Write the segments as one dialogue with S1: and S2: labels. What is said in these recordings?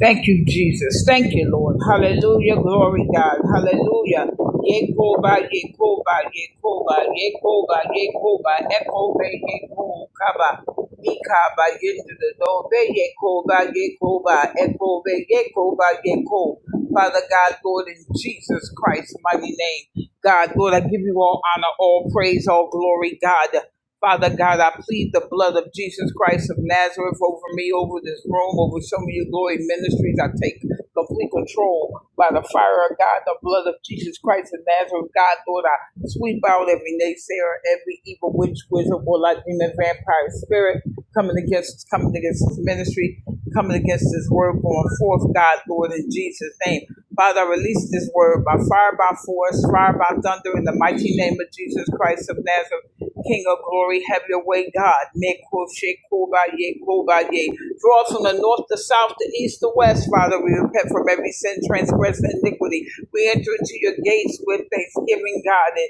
S1: Thank you, Jesus. Thank you, Lord. Hallelujah. Glory, God. Hallelujah. Yekoba, Yekoba, Yekoba, Yekoba, Yekoba, Ekobe, Yekokaba, Mikaba, Yekoba, Yekoba, Yekoba, Ekobe, Yekoba, Yeko. Father God, Lord, in Jesus Christ's mighty name. God, Lord, I give you all honor, all praise, all glory, God. Father God, I plead the blood of Jesus Christ of Nazareth over me, over this room, over some of your glory ministries. I take complete control by the fire of God, the blood of Jesus Christ of Nazareth. God, Lord, I sweep out every naysayer, every evil witch, wizard, or like demon, vampire spirit coming against, coming against this ministry, coming against this word going forth, God, Lord, in Jesus' name. Father, I release this word by fire, by force, fire, by thunder, in the mighty name of Jesus Christ of Nazareth. King of glory, have your way, God. Mekoshe kobaye kobaye. Draw us from the north, the south, the east, the west, Father. We repent from every sin, transgression, iniquity. We enter into your gates with thanksgiving, God. and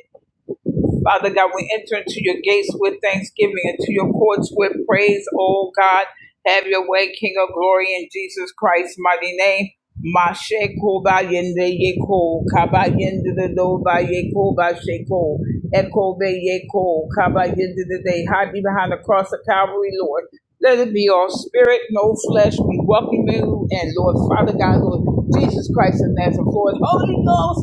S1: Father God, we enter into your gates with thanksgiving, into your courts with praise, oh God. Have your way, King of glory, in Jesus Christ's mighty name. Mashe koba yende yeko, kaba yende de do ba yeko ba sheko, eko be yeko, kaba yende de de, hide me behind the cross of Calvary, Lord. Let it be all spirit, no flesh. We welcome you and Lord, Father God, Lord Jesus Christ of Nazareth, Lord, Holy Ghost.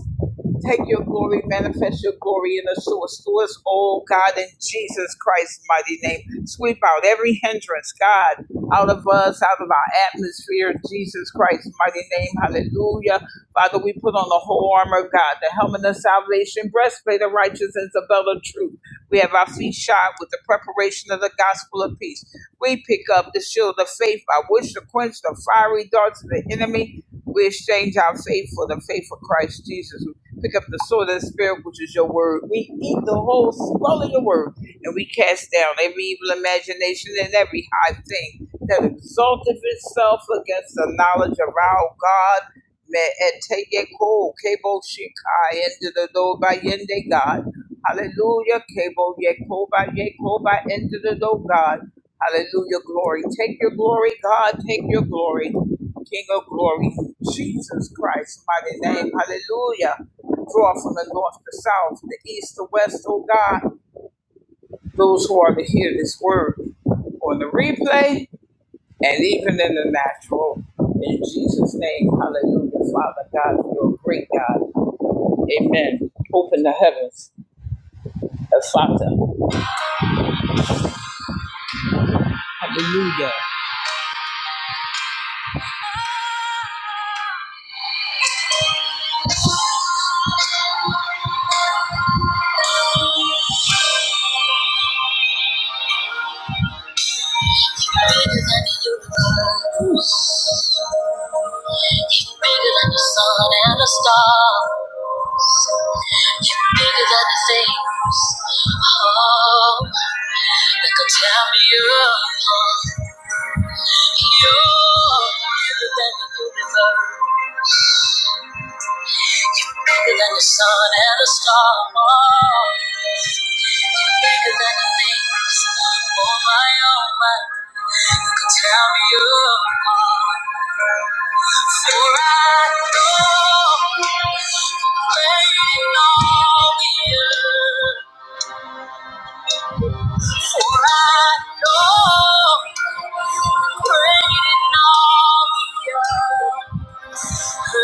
S1: Take your glory, manifest your glory in us, to us, to us, oh God, in Jesus Christ's mighty name. Sweep out every hindrance, God, out of us, out of our atmosphere, in Jesus Christ's mighty name. Hallelujah. Father, we put on the whole armor of God, the helmet of salvation, breastplate of righteousness, the belt of truth. We have our feet shod with the preparation of the gospel of peace. We pick up the shield of faith by which to quench the fiery darts of the enemy. We exchange our faith for the faith of Christ Jesus. Pick up the sword of the Spirit, which is your word. We eat the whole scroll of your word, and we cast down every evil imagination and every high thing that exalteth itself against the knowledge of our God. Hallelujah. God. Hallelujah. Glory. Take your glory, God. Take your glory. King of glory, Jesus Christ, mighty name. Hallelujah. Draw from the north, the south, the east, the west, oh God, those who are to hear this word on the replay and even in the natural. In Jesus' name, hallelujah. Father God, you're a great God. Amen. Open the heavens, Father. Hallelujah. You're bigger than the sun and the stars. You're bigger than the things, oh, that could tear me apart. You're bigger than the universe. You're bigger than the sun and the stars. You're bigger than the things. on my, own mind. You can tell me you are. For I know, waiting on you. For I know great in all the earth, your You're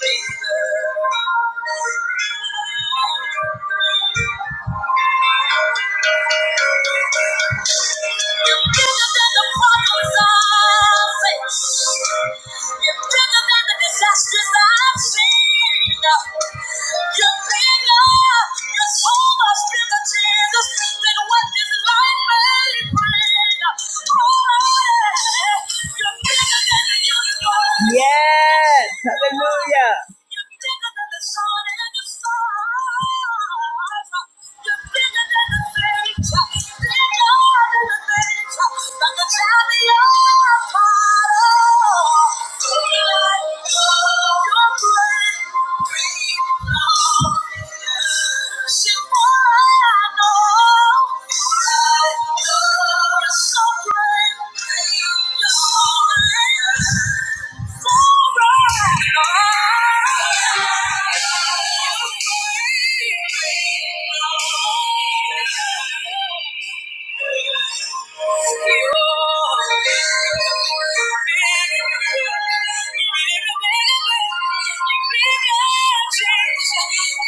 S1: bigger than the problems I face. You're bigger than so Oh, Yes, hallelujah. Thank you. Thank you. You're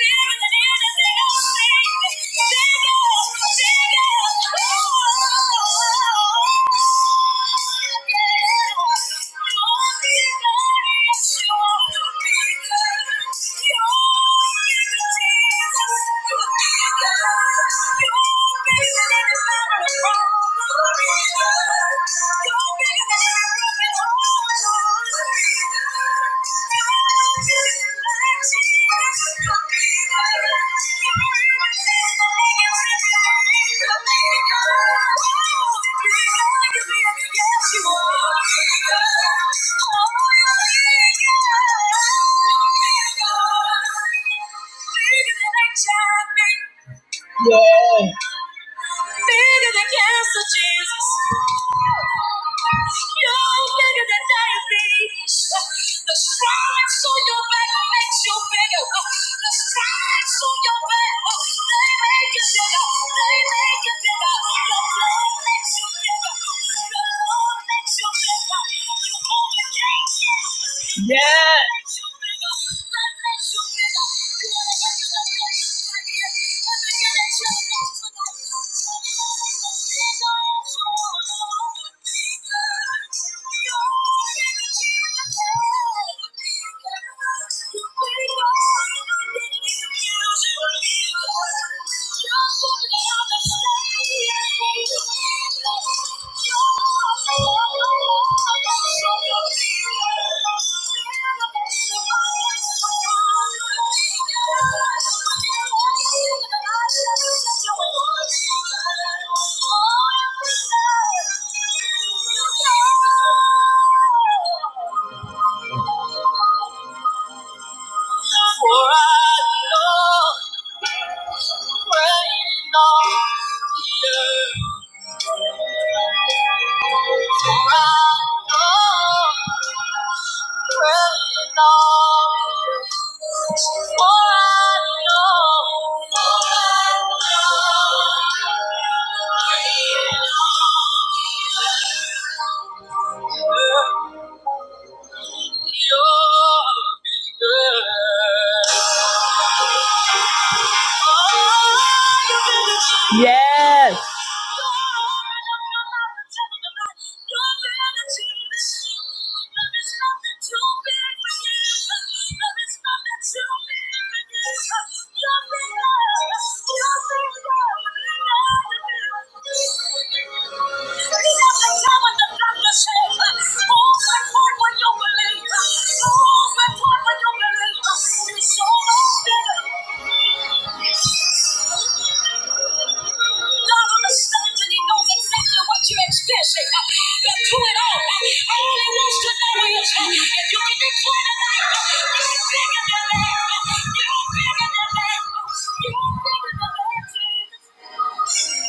S1: bigger than yeah. Bigger than cancer, Jesus. You're bigger than diabetes. The stripes on your back makes you bigger. The stripes on your back, they make you bigger. They make you bigger. Your blood makes you bigger. Your blood makes you bigger. You overcame death. Yes. For I know, I know, yeah. For I know I I know, for I know, You're you're bigger. Oh, you're bigger. Thank you. God understands and He knows exactly what you're experiencing. Uh, But to it all, uh, all He wants to know is uh, if you can declare tonight, uh, you're bigger than that. uh, You're bigger than that. uh, You're bigger than that. Jesus.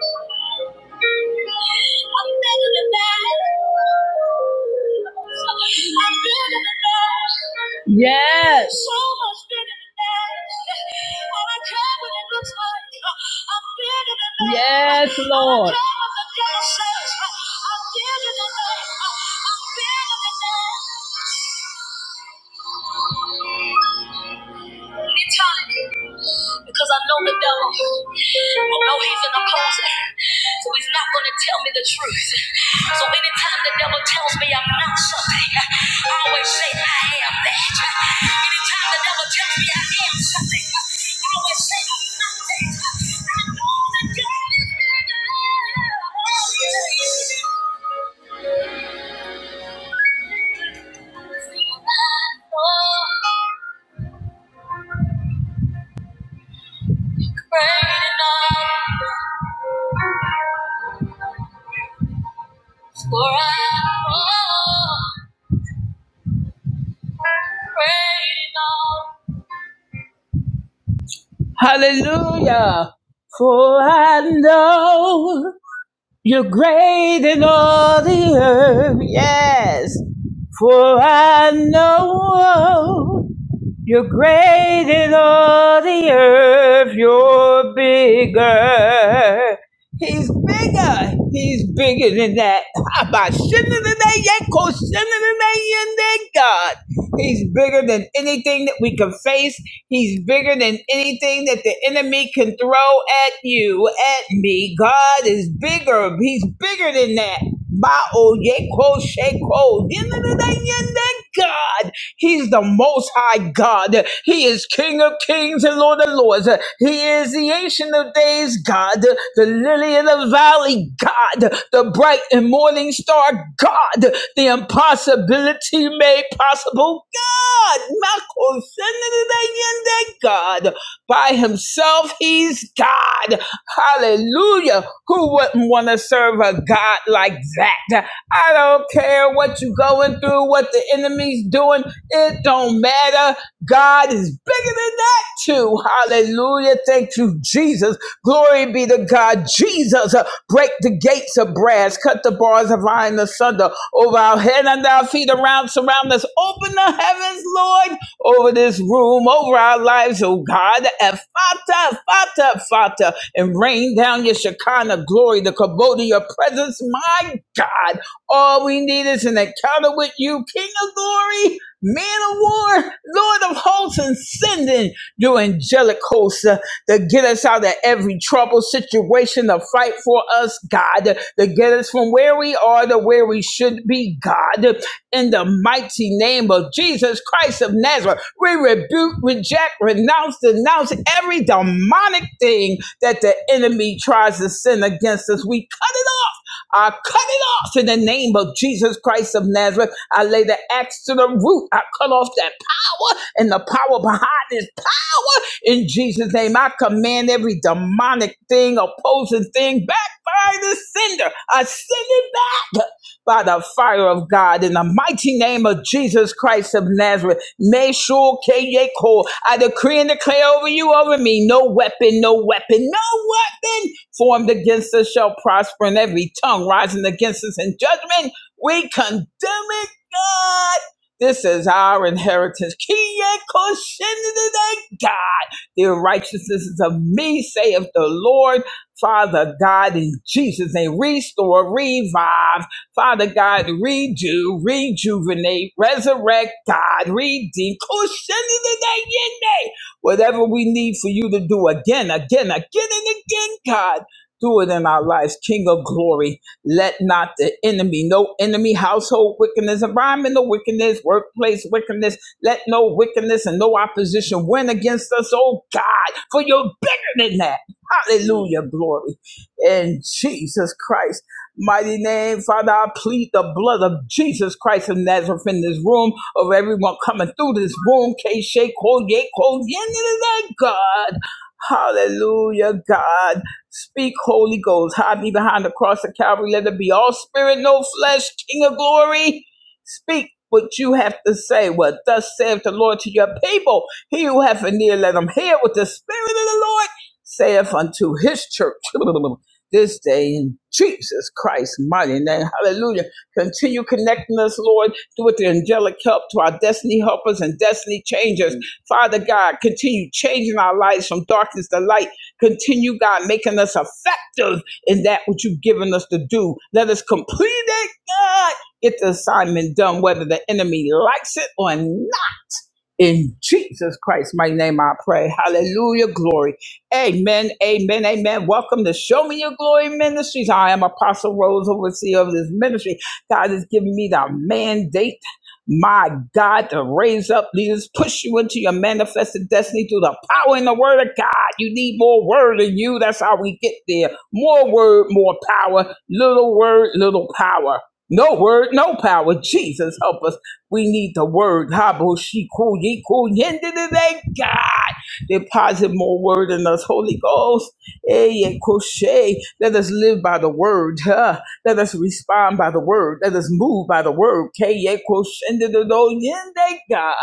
S1: Thank you. Yes. So much better than that. And I care what it looks like. I'm better than that. Yes, Lord. I don't care what the devil says. I'm better than that. I'm better than that. It's time because I know the devil. I know he's an opposer, so he's not going to tell me the truth. So anytime the devil tells me I'm not something, I always say I am that. Anytime the devil tells me I am something, I always say I'm not that. I know that God is bigger. Oh, yeah. I know great enough for I am great enough. Hallelujah. For I know you're great in all the earth. Yes. For I know. You're great in all the earth, you're bigger. He's bigger. He's bigger than that. About sinner than that, yeko sinner than that, and that God. He's bigger than anything that we can face. He's bigger than anything that the enemy can throw at you, at me. God is bigger. He's bigger than that. Ma'o yeko sheko. Yin-na-na-na-yin-na, God. He's the most high God. He is King of kings and Lord of lords. He is the ancient of days God, the lily of the valley God, the bright and morning star God, the impossibility made possible God. Mako, send it to the end God. By himself, he's God. Hallelujah. Who wouldn't want to serve a God like that? I don't care what you are going through, what the enemy's doing. It don't matter. God is bigger than that too. Hallelujah. Thank you, Jesus. Glory be to God. Jesus, uh, break the gates of brass, cut the bars of iron asunder over our head and our feet around, surround us. Open the heavens, Lord, over this room, over our lives, oh God. And Fata, Fata, Fata, and rain down your Shekinah glory, the kabod of your presence, my God. All we need is an encounter with you, King of glory, man of war, Lord of hosts, and sending your angelic hosts uh, to get us out of every trouble situation, to fight for us, God, to get us from where we are to where we should be, God. In the mighty name of Jesus Christ of Nazareth, we rebuke, reject, renounce, denounce every demonic thing that the enemy tries to send against us. We cut it off I cut it off in the name of Jesus Christ of Nazareth. I lay the axe to the root. I cut off that power and the power behind this power in Jesus' name. I command every demonic thing, opposing thing back by the sender. I send it back by the fire of God in the mighty name of Jesus Christ of Nazareth. Meshul Keyeko. I decree and declare over you, over me, no weapon, no weapon, no weapon formed against us shall prosper, and every tongue rising against us in judgment, we condemn it, God. This is our inheritance. Kiye koshinide, God. The righteousness is of me, saith the Lord. Father God, in Jesus' name, restore, revive. Father God, redo, rejuvenate, resurrect, God, redeem. Koshinide, yende. Whatever we need for you to do again, again, again, and again, God do it in our lives, King of glory. Let not the enemy, no enemy, household wickedness, environmental wickedness, workplace wickedness, let no wickedness and no opposition win against us, oh God, for you're bigger than that. Hallelujah, glory. In Jesus Christ. Mighty name, Father, I plead the blood of Jesus Christ of Nazareth in this room, of everyone coming through this room. K shake, hold, yay, hold, yeah, God. Hallelujah, God. Speak, Holy Ghost. Hide me behind the cross of Calvary. Let it be all spirit, no flesh, King of glory. Speak what you have to say. What thus saith the Lord to your people. He who hath an ear, let him hear what the Spirit of the Lord saith unto his church. This day in Jesus Christ's mighty name. Hallelujah. Continue connecting us, Lord, with the angelic help to our destiny helpers and destiny changers. Father God, continue changing our lives from darkness to light Continue, God, making us effective in that which you've given us to do. Let us complete it, God. Get the assignment done, whether the enemy likes it or not. In Jesus Christ, my name, I pray. Hallelujah, glory. Amen, amen, amen. Welcome to Show Me Your Glory Ministries. I am Apostle Rose, overseer of this ministry. God has given me the mandate, my God, to raise up leaders, push you into your manifested destiny through the power and the word of God. You need more word in you. That's how we get there. More word, more power. Little word, little power. No word, no power. Jesus, help us. We need the word. Habo shiku yiku yende de God. Deposit more word in us, Holy Ghost. Hey, crochet. Let us live by the word. Huh? Let us respond by the word. Let us move by the word. Keye koshende de God.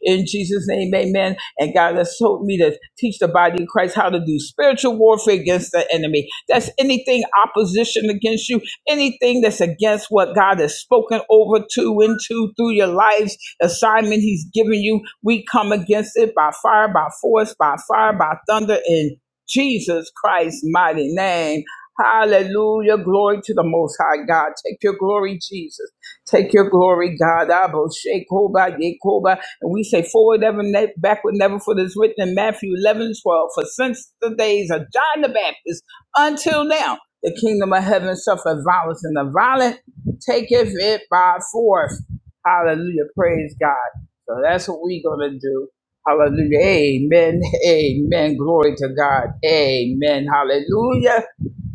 S1: In Jesus' name, amen. And God has told me to teach the body of Christ how to do spiritual warfare against the enemy. That's anything opposition against you anything that's against what God has spoken over to, into, through your life's assignment He's given you, we come against it by fire, by force, by fire, by thunder, in Jesus Christ's mighty name. Hallelujah. Glory to the Most High God. Take your glory, Jesus. Take your glory, God. Abba, Shekoba, Yekoba. And we say forward ever, ne- backward never, for this written in Matthew 11 12. For since the days of John the Baptist until now, the kingdom of heaven suffered violence, and the violent taketh it by force. Hallelujah. Praise God. So that's what we're going to do. Hallelujah. Amen. Amen. Glory to God. Amen. Hallelujah.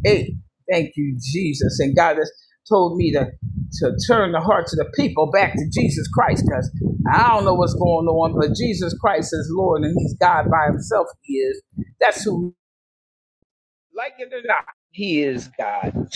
S1: Hey, thank you, Jesus. And God has told me to, to turn the hearts of the people back to Jesus Christ because I don't know what's going on, but Jesus Christ is Lord and He's God by Himself. He is. That's who, like it or not.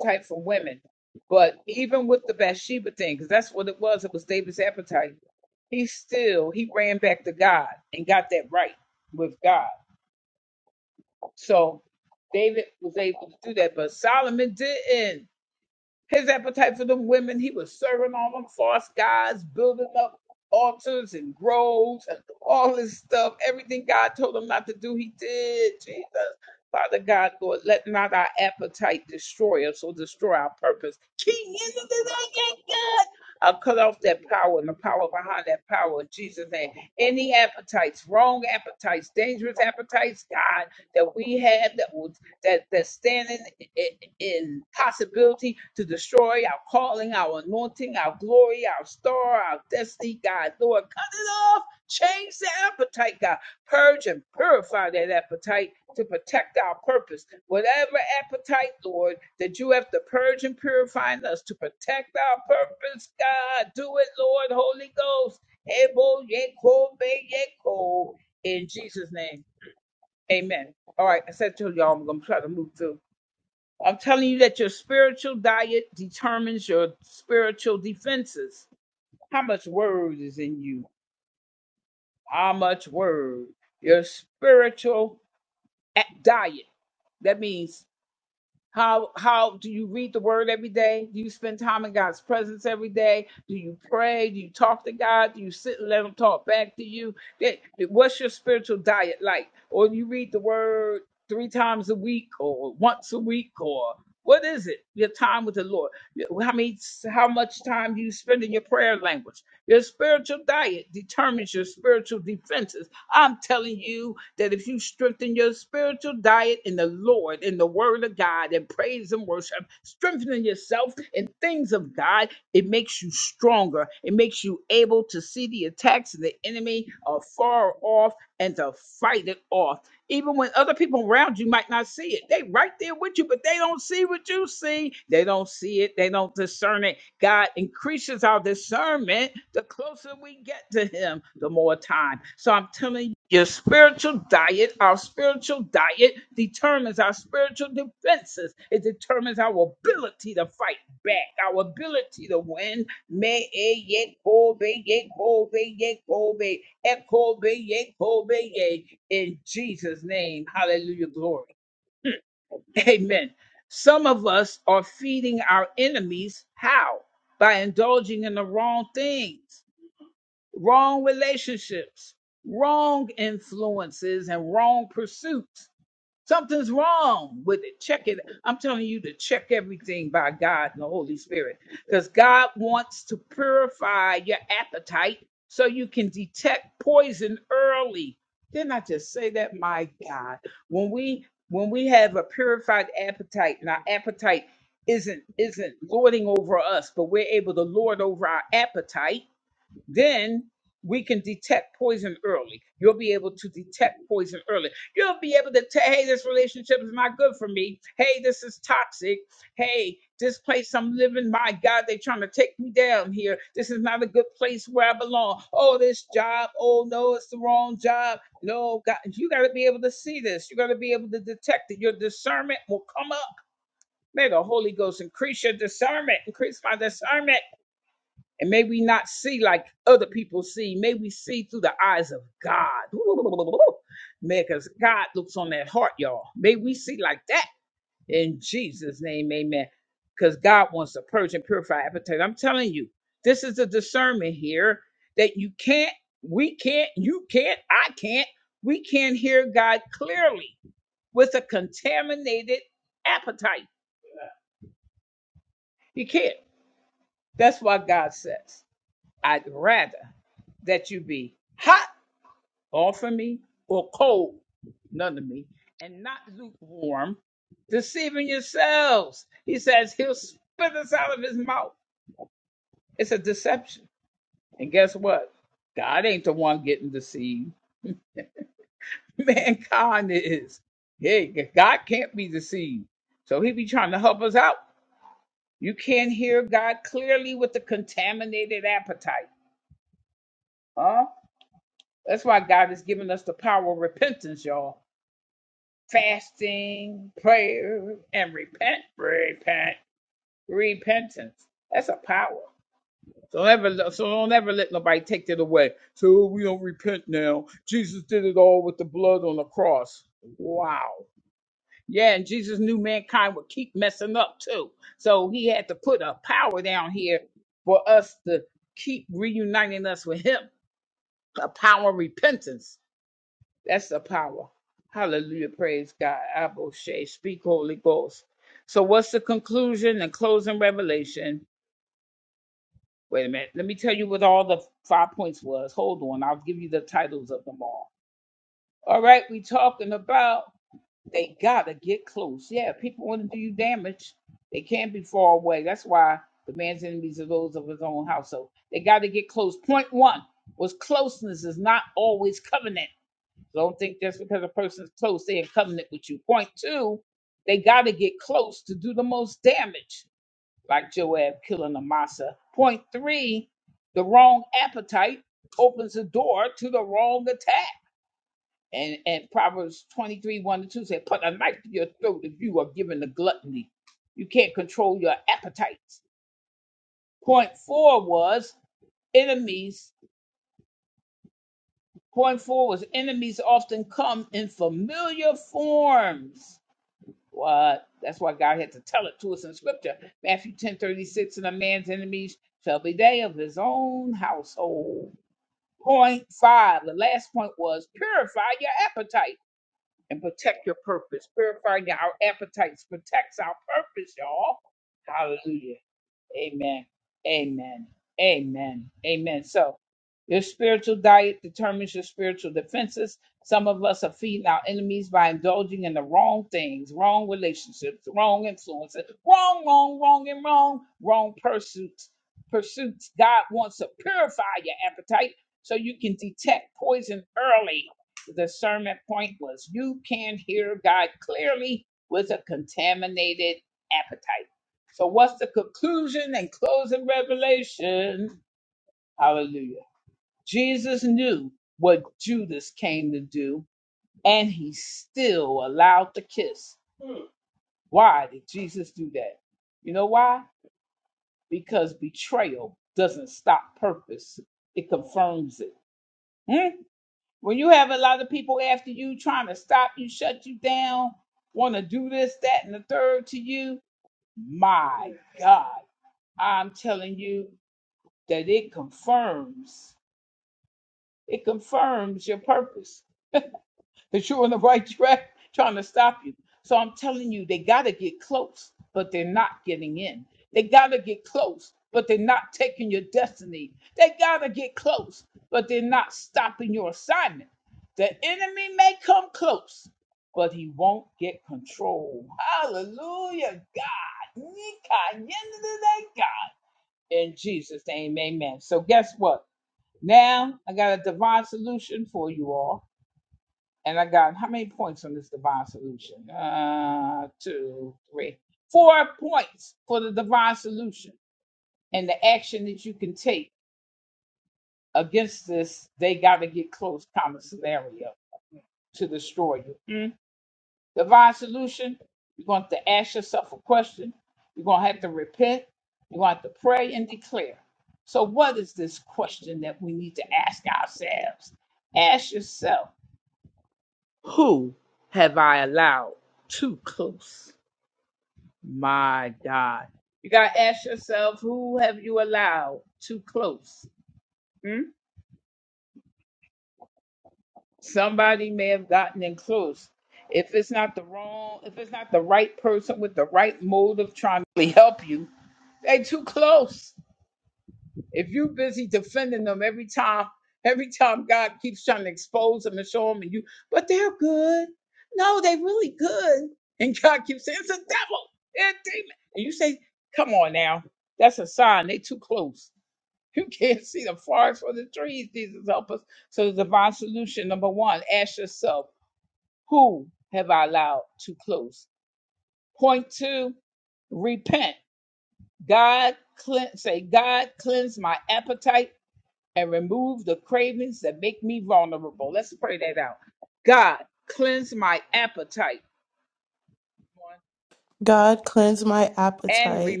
S2: God, cleanse my appetite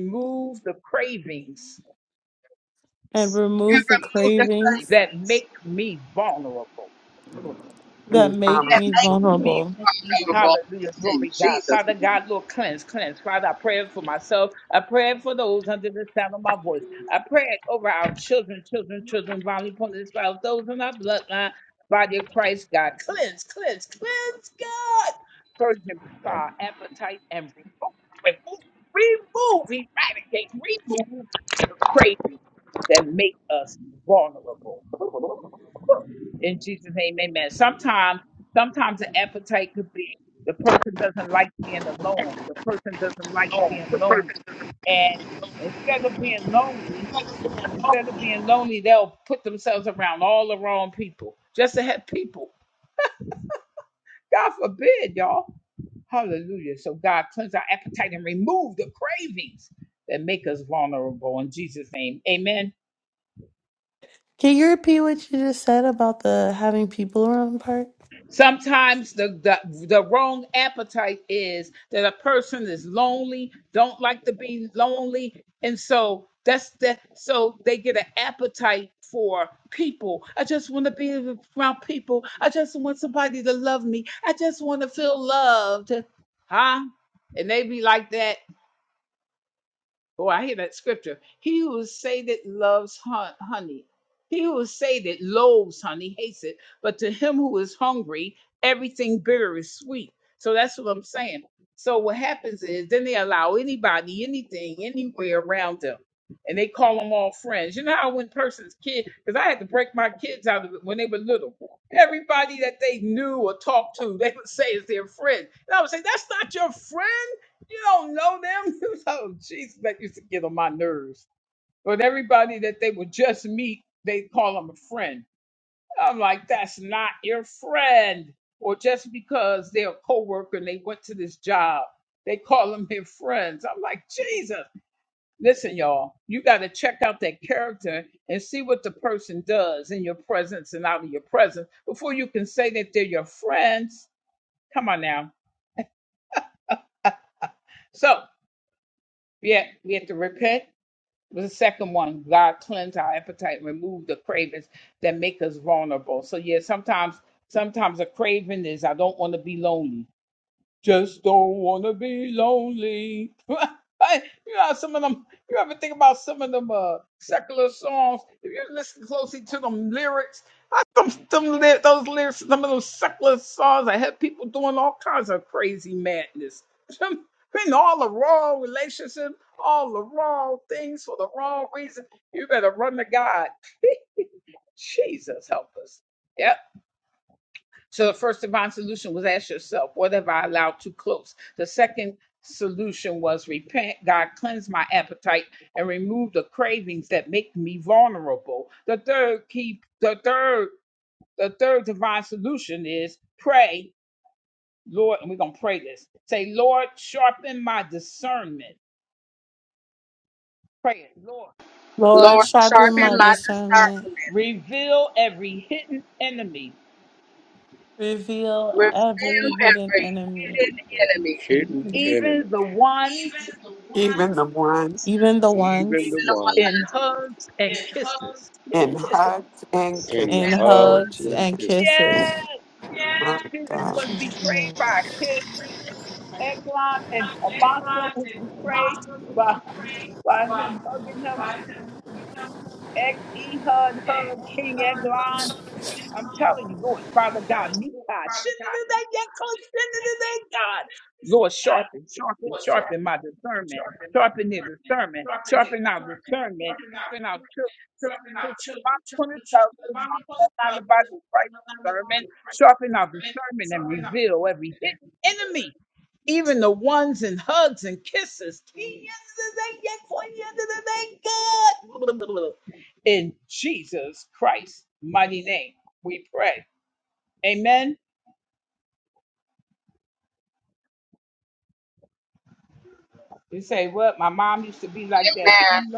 S2: and
S3: and
S2: remove the
S3: remove the
S2: cravings
S3: cravings
S2: that make
S4: Um,
S3: that
S2: me
S3: make me
S2: vulnerable.
S3: vulnerable in Jesus' name.
S5: I
S2: Can you repeat what you just said about the having people around part? Lord,
S3: Lord,
S2: sharpen
S3: sharpen
S2: my
S3: my
S2: discernment.
S3: discernment.
S2: Reveal every
S3: Reveal
S2: hidden
S3: every
S2: enemy,
S3: hidden
S6: every
S3: enemy,
S6: hidden
S2: Mhm.
S6: enemy,
S4: even the one
S2: even the
S6: even
S3: even
S6: the
S2: ones
S3: the one
S6: one
S4: in hugs and
S6: in
S2: in
S4: kisses,
S6: hugs
S4: Lord
S2: hugs
S6: and
S2: and
S4: Jesus.
S6: kisses.
S2: kisses.
S4: My
S2: In
S4: God.
S2: Jesus' name.
S3: I'm mad.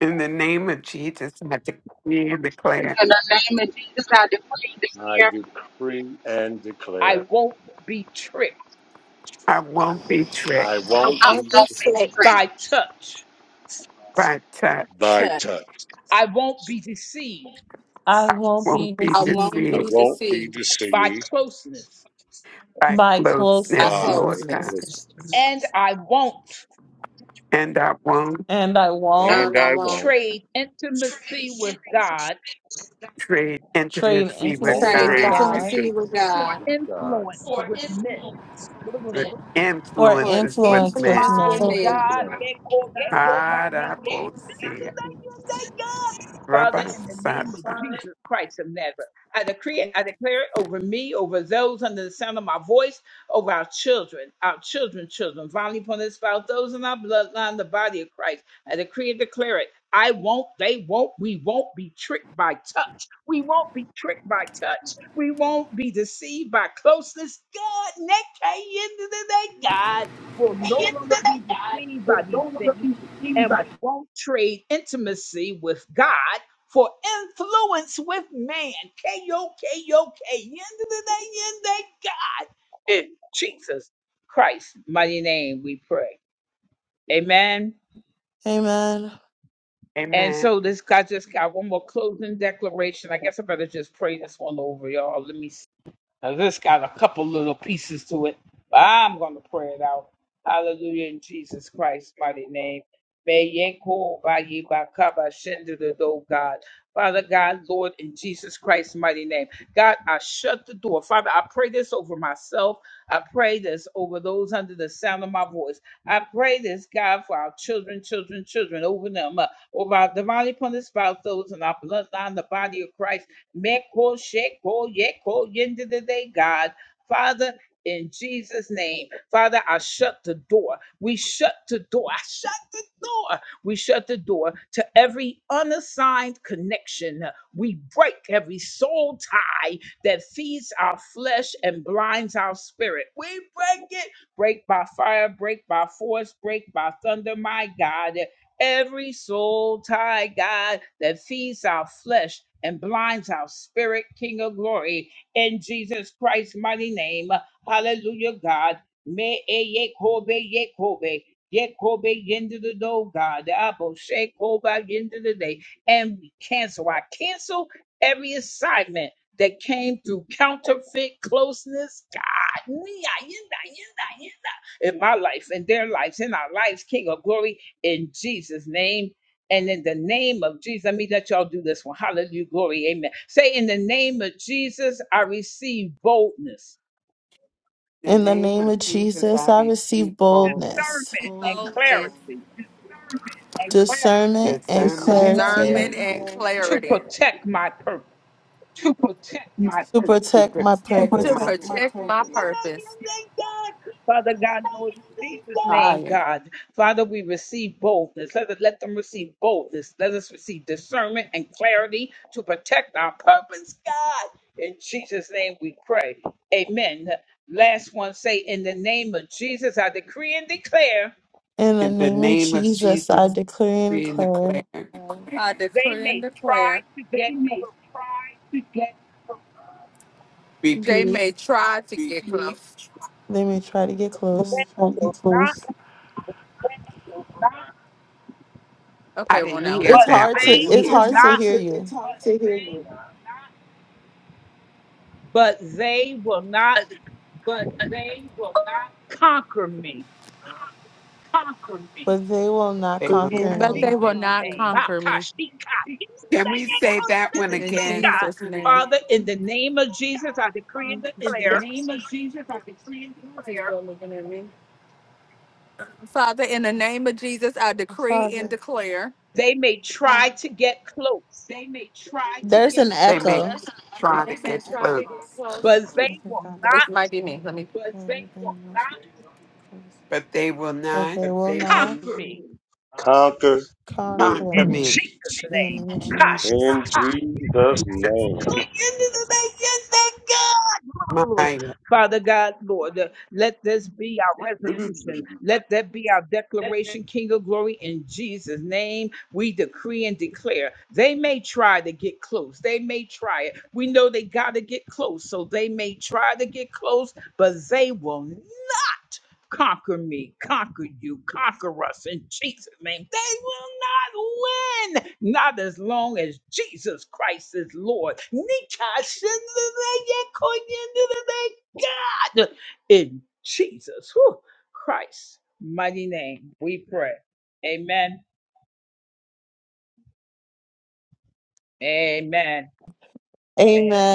S4: In the name of Jesus, I decree and declare
S3: In the name of Jesus, I decree this
S6: I
S3: year
S6: decree and declare,
S4: I won't be tricked
S6: I won't
S3: I
S6: be
S5: won't be
S3: won't be
S5: slick.
S3: afraid.
S4: by touch.
S6: by touch.
S2: I
S4: I
S2: won't be
S4: won't be
S3: I won't
S6: I
S2: deceived
S3: be
S4: deceived
S6: won't be
S3: deceived
S6: deceived
S4: by
S2: by
S3: by
S4: closeness,
S6: by
S2: closeness,
S4: Lord
S2: or
S3: closeness.
S4: God.
S6: this,
S2: history.
S4: And I won't
S2: and I won't
S6: and
S3: And I
S6: I
S3: won't
S6: won't
S4: trade
S2: trade
S4: intimacy
S6: won't
S4: with
S5: See
S2: intimacy
S3: trade
S2: with
S6: trade
S4: God
S5: the
S2: God
S3: intimacy with
S6: intimacy
S3: God
S6: with God
S4: with
S2: for
S3: for
S4: influences with
S2: influence with
S4: men.
S3: influence with
S6: for
S2: men.
S5: God.
S3: men.
S6: influence.
S4: God, I will see it. Rabbi Satan.
S2: Amen.
S4: Amen. In the
S2: In the
S4: name
S2: name of
S4: of Jesus,
S2: Jesus,
S4: I
S2: I receive
S4: receive
S2: boldness,
S4: boldness,
S3: Boldness
S2: discernment,
S3: Discernment
S2: and
S4: discernment, and
S2: clarity
S3: discernment and
S4: clarity
S3: and clarity.
S2: to
S4: to
S2: protect my
S3: to
S4: protect
S3: to protect my
S4: my
S2: purpose.
S3: protect my purpose.
S4: fire.
S2: In the
S4: In the
S2: name of
S4: name of
S2: Jesus,
S4: Jesus,
S2: I
S4: I
S2: declare and
S4: agree and
S2: declare.
S4: declare.
S3: purpose. I decree and declare they
S4: Repeat.
S3: may try to get close.
S2: Let me try to get
S3: Let me
S2: close.
S3: try to get close.
S4: I
S3: Okay, well,
S4: didn't
S3: no.
S4: hear
S2: It's
S4: that
S2: hard
S4: one.
S2: to it's
S3: It's
S2: hard to
S3: hard
S2: hear
S3: to
S2: you,
S3: it's hard to hear you,
S2: but they will not
S4: They
S3: but
S4: will
S3: they will
S2: conquer
S4: not.
S3: But
S2: me.
S3: they not will not conquer. conquer me
S4: Can we say that one
S3: in
S4: again?
S3: Jesus' name. Father, in the name of Jesus, I decree and
S2: Father,
S3: declare
S2: there's an
S4: They may
S2: echo.
S3: they
S4: try to
S3: may
S4: get
S3: try to
S4: close,
S3: get close.
S2: Father God,
S3: It might be me. Let me.
S2: Lord, they must close.
S4: but they will
S2: But
S4: not
S2: they will not
S6: Conquer me
S4: come
S2: conquer
S4: for
S2: me.
S4: me.
S2: In the name of Jesus.
S6: in Jesus'
S4: It's my
S6: name.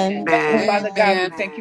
S3: Amen.
S4: man.
S3: Amen.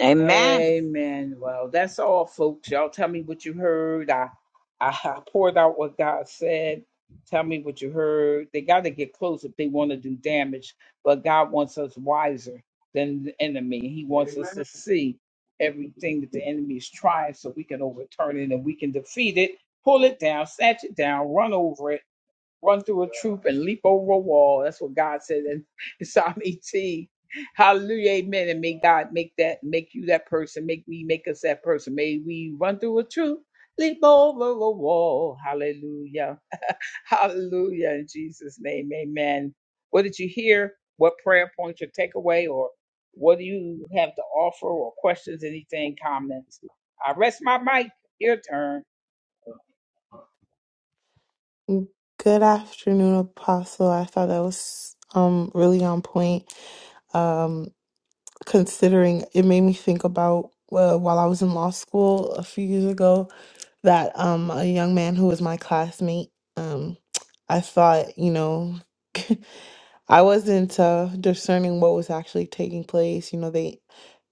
S7: Amen.
S2: Good afternoon, Apostle. I thought that was um really on point. Um, considering it made me think about well, while I was in law school a few years ago, that um a young man who was my classmate, um, I thought you know. I wasn't uh, discerning what was actually taking place. You know, they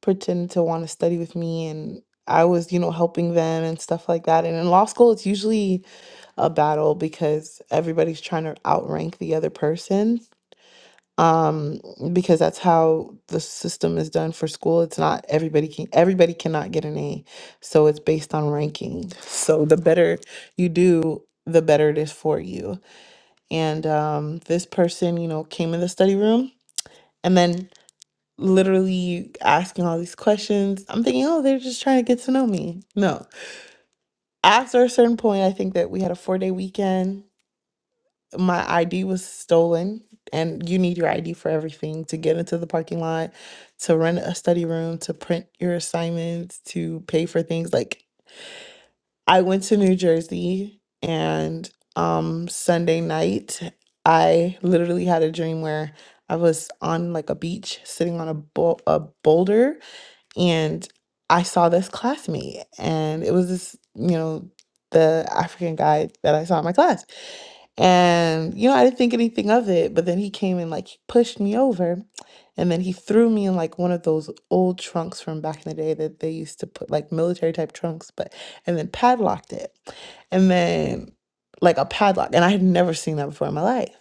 S2: pretended to want to study with me, and I was, you know, helping them and stuff like that. And in law school, it's usually a battle because everybody's trying to outrank the other person. Um, because that's how the system is done for school. It's not everybody can everybody cannot get an A, so it's based on ranking. So the better you do, the better it is for you. And um, this person, you know, came in the study room and then literally asking all these questions i'm thinking oh they're just trying to get to know me no after a certain point i think that we had a four day weekend my id was stolen and you need your id for everything to get into the parking lot to rent a study room to print your assignments to pay for things like i went to new jersey and um sunday night i literally had a dream where I was on like a beach sitting on a, bou- a boulder and I saw this classmate, and it was this, you know, the African guy that I saw in my class. And, you know, I didn't think anything of it, but then he came and like he pushed me over, and then he threw me in like one of those old trunks from back in the day that they used to put like military type trunks, but and then padlocked it. And then like a padlock, and I had never seen that before in my life.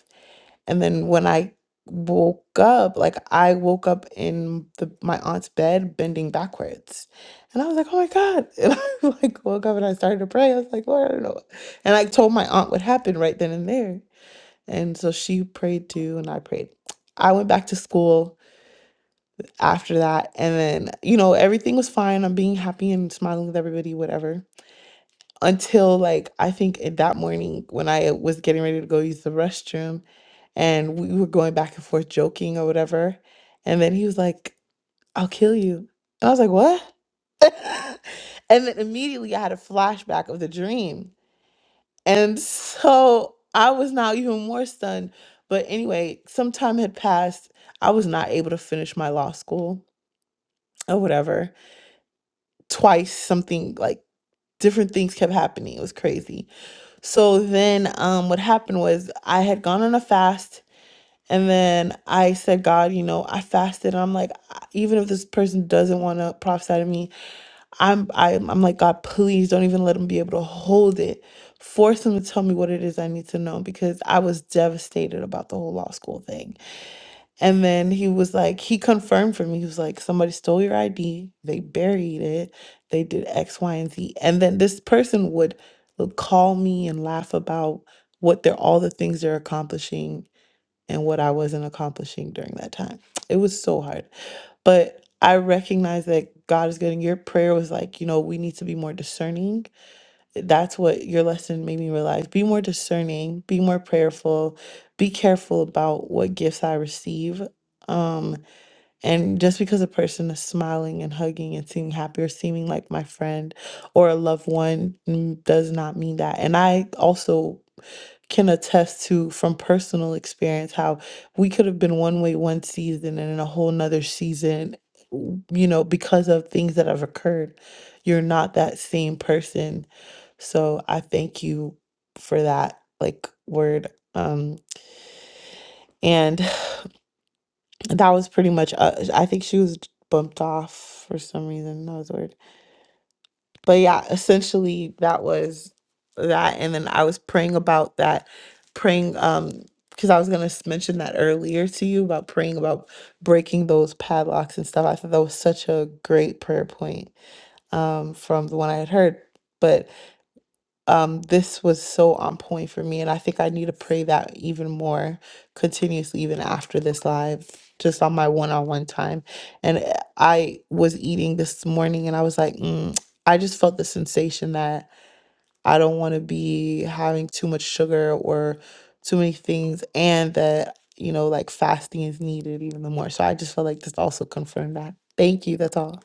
S2: And then when I woke up, like I woke up in the my aunt's bed bending backwards. And I was like, oh my God. And I like woke up and I started to pray. I was like, Lord, I don't know. And I told my aunt what happened right then and there. And so she prayed too, and I prayed. I went back to school after that. And then, you know, everything was fine. I'm being happy and smiling with everybody, whatever. Until like I think in that morning when I was getting ready to go use the restroom and we were going back and forth joking or whatever. And then he was like, I'll kill you. And I was like, What? and then immediately I had a flashback of the dream. And so I was now even more stunned. But anyway, some time had passed. I was not able to finish my law school or whatever. Twice, something like different things kept happening. It was crazy. So then um, what happened was I had gone on a fast And then I said, God, you know, I fasted. And I'm like, I- even if this person doesn't want to prophesy to me, I'm, I'm, I'm like, God, please don't even let him be able to hold it. Force him to tell me what it is I need to know because I was devastated about the whole law school thing. And then he was like, he confirmed for me. He was like, somebody stole your ID. They buried it. They did X, Y, and Z. And then this person would would call me and laugh about what they're all the things they're accomplishing and what I wasn't accomplishing during that time. It was so hard. But I recognize that God is good. And your prayer was like, you know, we need to be more discerning. That's what your lesson made me realize. Be more discerning, be more prayerful, be careful about what gifts I receive. Um, and just because a person is smiling and hugging and seeming happy or seeming like my friend or a loved one mm, does not mean that. And I also can attest to from personal experience how we could have been one way one season and in a whole nother season w- you know because of things that have occurred you're not that same person so i thank you for that like word um and that was pretty much uh, i think she was bumped off for some reason that was weird but yeah, essentially that was that. And then I was praying about that, praying um because I was gonna s- mention that earlier to you about praying about breaking those padlocks and stuff. I thought that was such a great prayer point um from the one I had heard. but um, this was so on point for me. And I think I need to pray that even more continuously, even after this live, just on my one on one time. And uh, I was eating this morning and I was like, mm, I just felt the sensation that I don't want to be having too much sugar or too many things, and that, you know, like fasting is needed even the more. So I just felt like this also confirmed that. Thank you. That's all.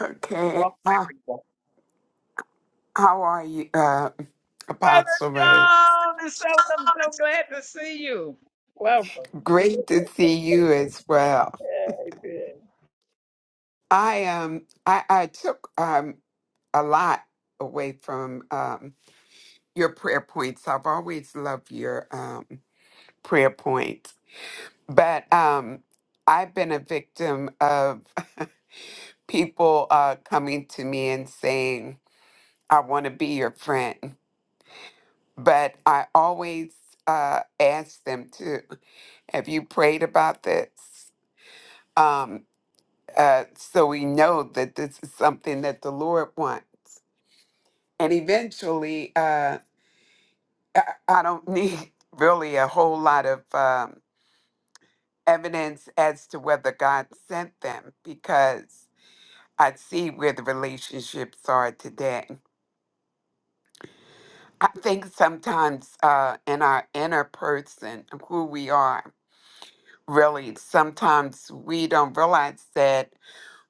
S4: Okay. Uh, how are you, uh, Apostle? Rose? Great to see you as well. I um I, I took um a lot away from um your prayer points. I've always loved your um prayer points. But um I've been a victim of people uh coming to me and saying, I want to be your friend. But I always uh ask them to, have you prayed about this? Um, uh, so we know that this is something that the Lord wants. And eventually, uh, I I don't need really a whole lot of um, evidence as to whether God sent them because I see where the relationships are today. I think sometimes uh, in our inner person, who we are, really, sometimes we don't realize that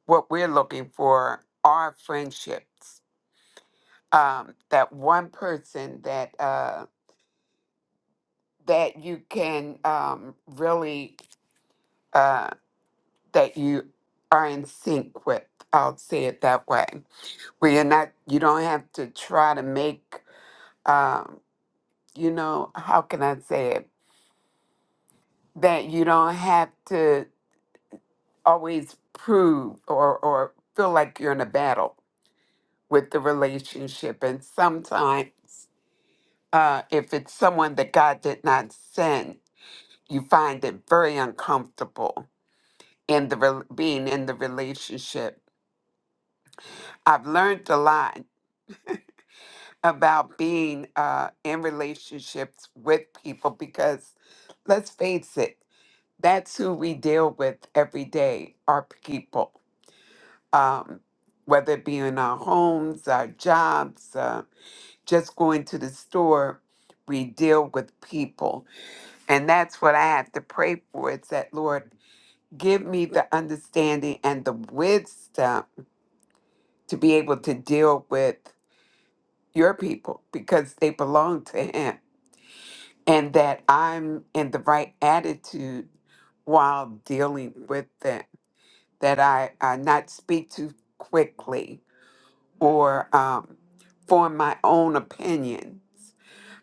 S4: what we're looking for are friendships um, that one person that uh, that you can um, really uh, that you are in sync with. I'll say it that way, where you're not, you don't have to try to make, um, you know, how can I say it? That you don't have to always prove or or feel like you're in a battle with the relationship, and sometimes. Uh, if it's someone that God did not send, you find it very uncomfortable in the rel being in the relationship. I've learned a lot about being uh, in relationships with people because let's face it, that's who we deal with every day, our people. Um, whether it be in our homes, our jobs, uh, just going to the store, we deal with people. And that's what I have to pray for. It's that, Lord, Give me the understanding and the wisdom to be able to deal with your people because they belong to Him, and that I'm in the right attitude while dealing with them, that I, I not speak too quickly or um, form my own opinions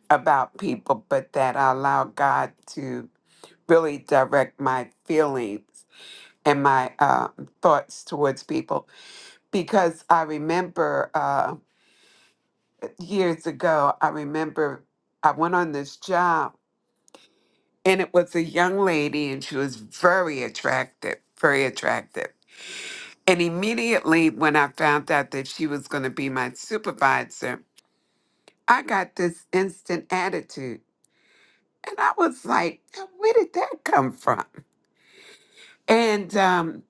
S4: about people, but that I allow God to really direct my feelings and my um thoughts towards people because I remember uh, years ago, I remember I went on this job and it was a young lady and she was very attractive, very attractive. And immediately when I found out that she was going to be my supervisor, I got this instant attitude. And I was like, where did that come from? And um,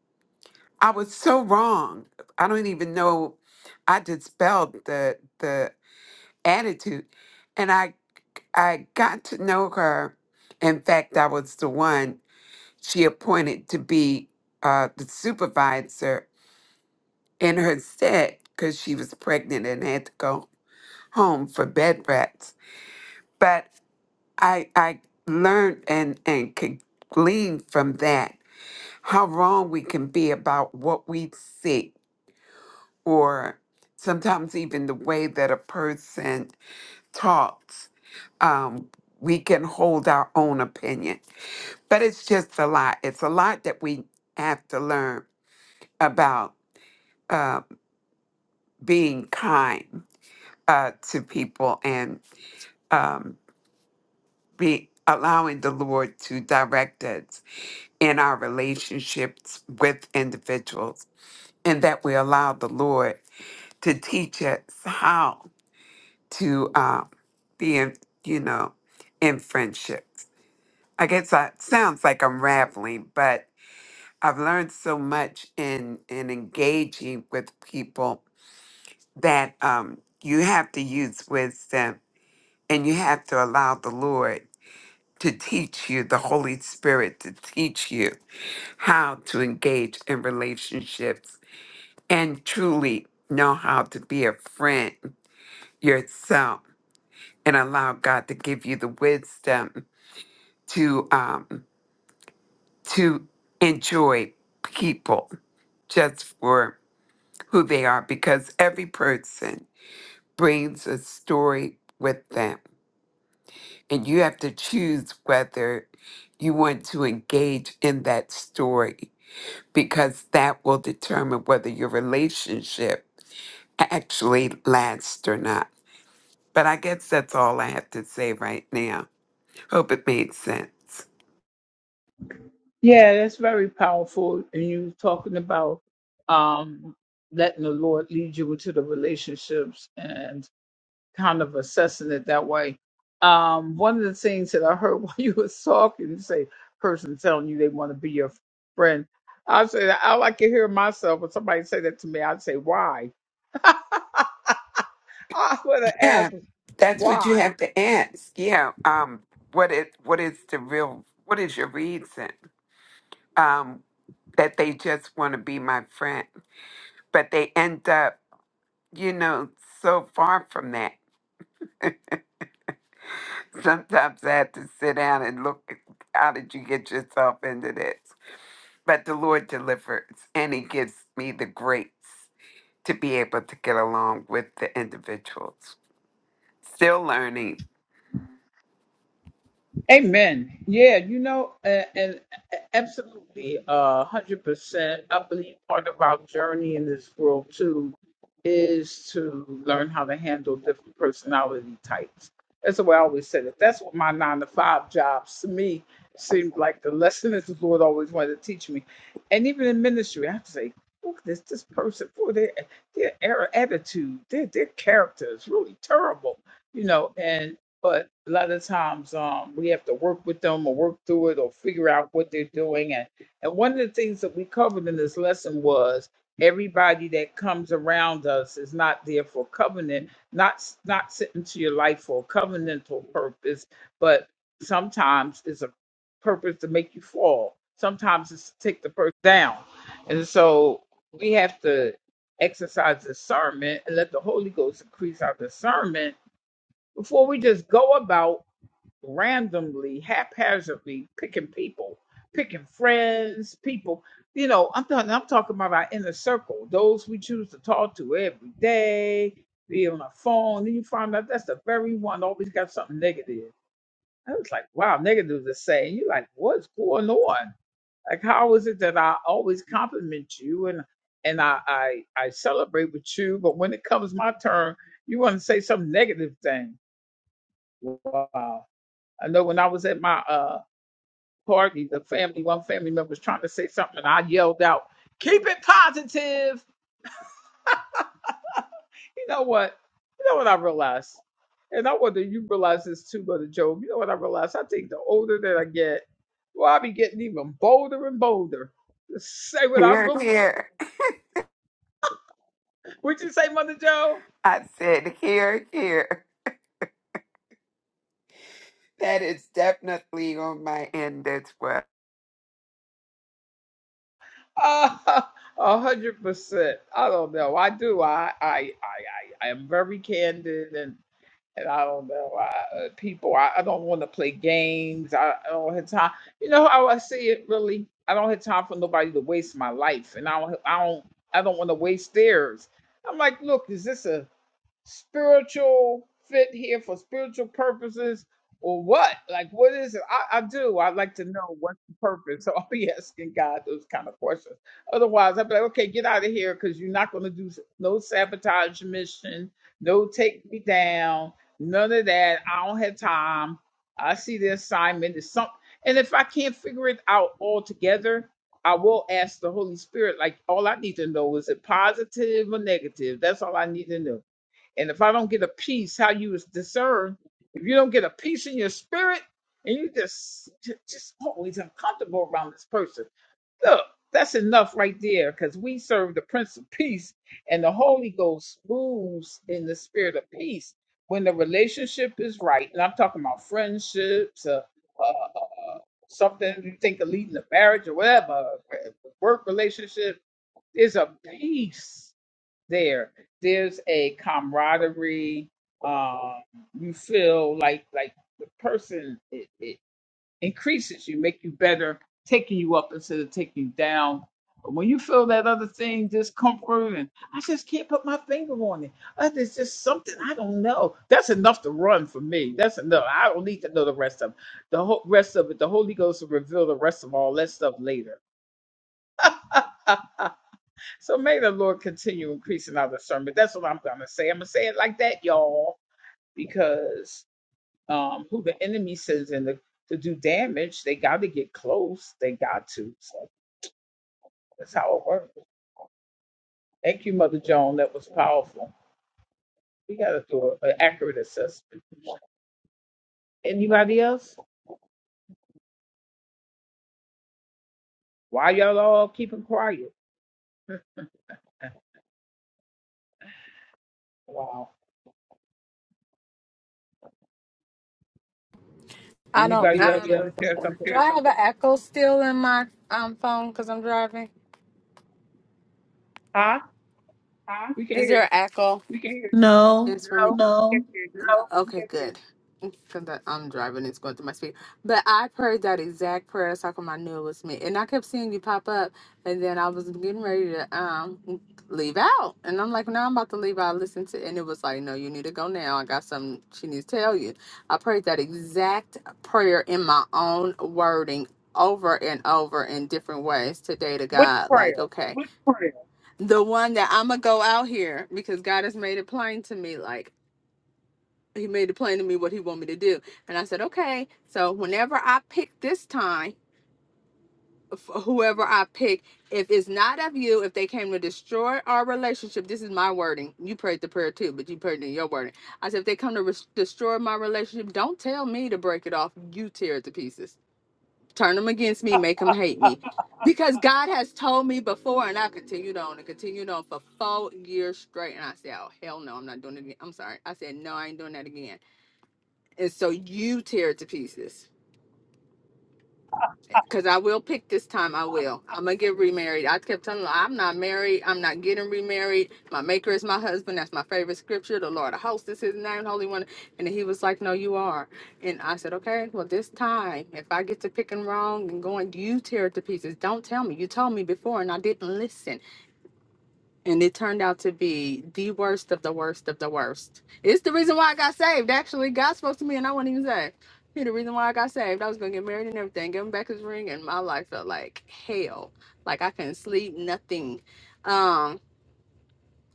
S4: I was so wrong. I don't even know. I dispelled the the attitude. And I I got to know her. In fact, I was the one she appointed to be uh, the supervisor in her stead because she was pregnant and had to go home for bed rest. But I I learned and and could glean from that how wrong we can be about what we see or sometimes even the way that a person talks. Um, we can hold our own opinion but it's just a lot. It's a lot that we have to learn about uh, being kind uh, to people and um, be allowing the Lord to direct us in our relationships with individuals, and that we allow the Lord to teach us how to um, be in, you know, in friendships. I guess that sounds like I'm rambling, but I've learned so much in in engaging with people that um, you have to use wisdom and you have to allow the Lord to teach you, the Holy Spirit to teach you how to engage in relationships and truly know how to be a friend yourself and allow God to give you the wisdom to um, to enjoy people just for who they are because every person brings a story with them. And you have to choose whether you want to engage in that story because that will determine whether your relationship actually lasts or not. But I guess that's all I have to say right now. Hope it made sense. Yeah, that's what you have to ask. Yeah. Um. What is what is the real? What is your reason? Um. that they just want to be my friend, but they end up, you know, so far from that. Sometimes I have to sit down and look, how did you get yourself into this? But the Lord delivers, and He gives me the grace to be able to get along with the individuals. Still learning. Here, here. I said, here, here. That is definitely on my end as well.
S3: I don't. Um, do I have an echo still in my um phone because I'm driving? Is there an echo?
S2: No.
S3: It's for me. No. Okay, good. Because I'm driving, it's going through my speed. But I prayed that exact prayer, so come I knew it was me. And I kept seeing you pop up, and then I was getting ready to um leave out. And I'm like, no, I'm about to leave out. Listen to, and it was like, no, you need to go now. I got something she needs to tell you. I prayed that exact prayer in my own wording over and over in different ways today to God. Like, okay, the one that I'm going to go out here because God has made it plain to me. Like, he made it plain to me what he want me to do and i said okay so whenever i pick this time f- whoever i pick if it's not of you if they came to destroy our relationship this is my wording you prayed the prayer too but you prayed in your wording i said if they come to res- destroy my relationship don't tell me to break it off you tear it to pieces turn them against me make them hate me because god has told me before and i continued on and continued on for four years straight and i said oh hell no i'm not doing it again i'm sorry i said no i ain't doing that again and so you tear it to pieces. Cause I will pick this time. I will. I'm gonna get remarried. I kept telling her, I'm not married. I'm not getting remarried. My maker is my husband. That's my favorite scripture. The Lord of hosts is his name, Holy One. And he was like, No, you are. And I said, Okay, well, this time, if I get to picking wrong and going, you tear it to pieces. Don't tell me. You told me before and I didn't listen. and it turned out to be the worst of the worst of the worst. It's the reason why I got saved. Actually, God spoke to me, and I wasn't even saved. He the reason why I got saved. I was gonna get married and everything, give him back his ring, and my life felt like hell. Like I couldn't sleep, nothing. Um,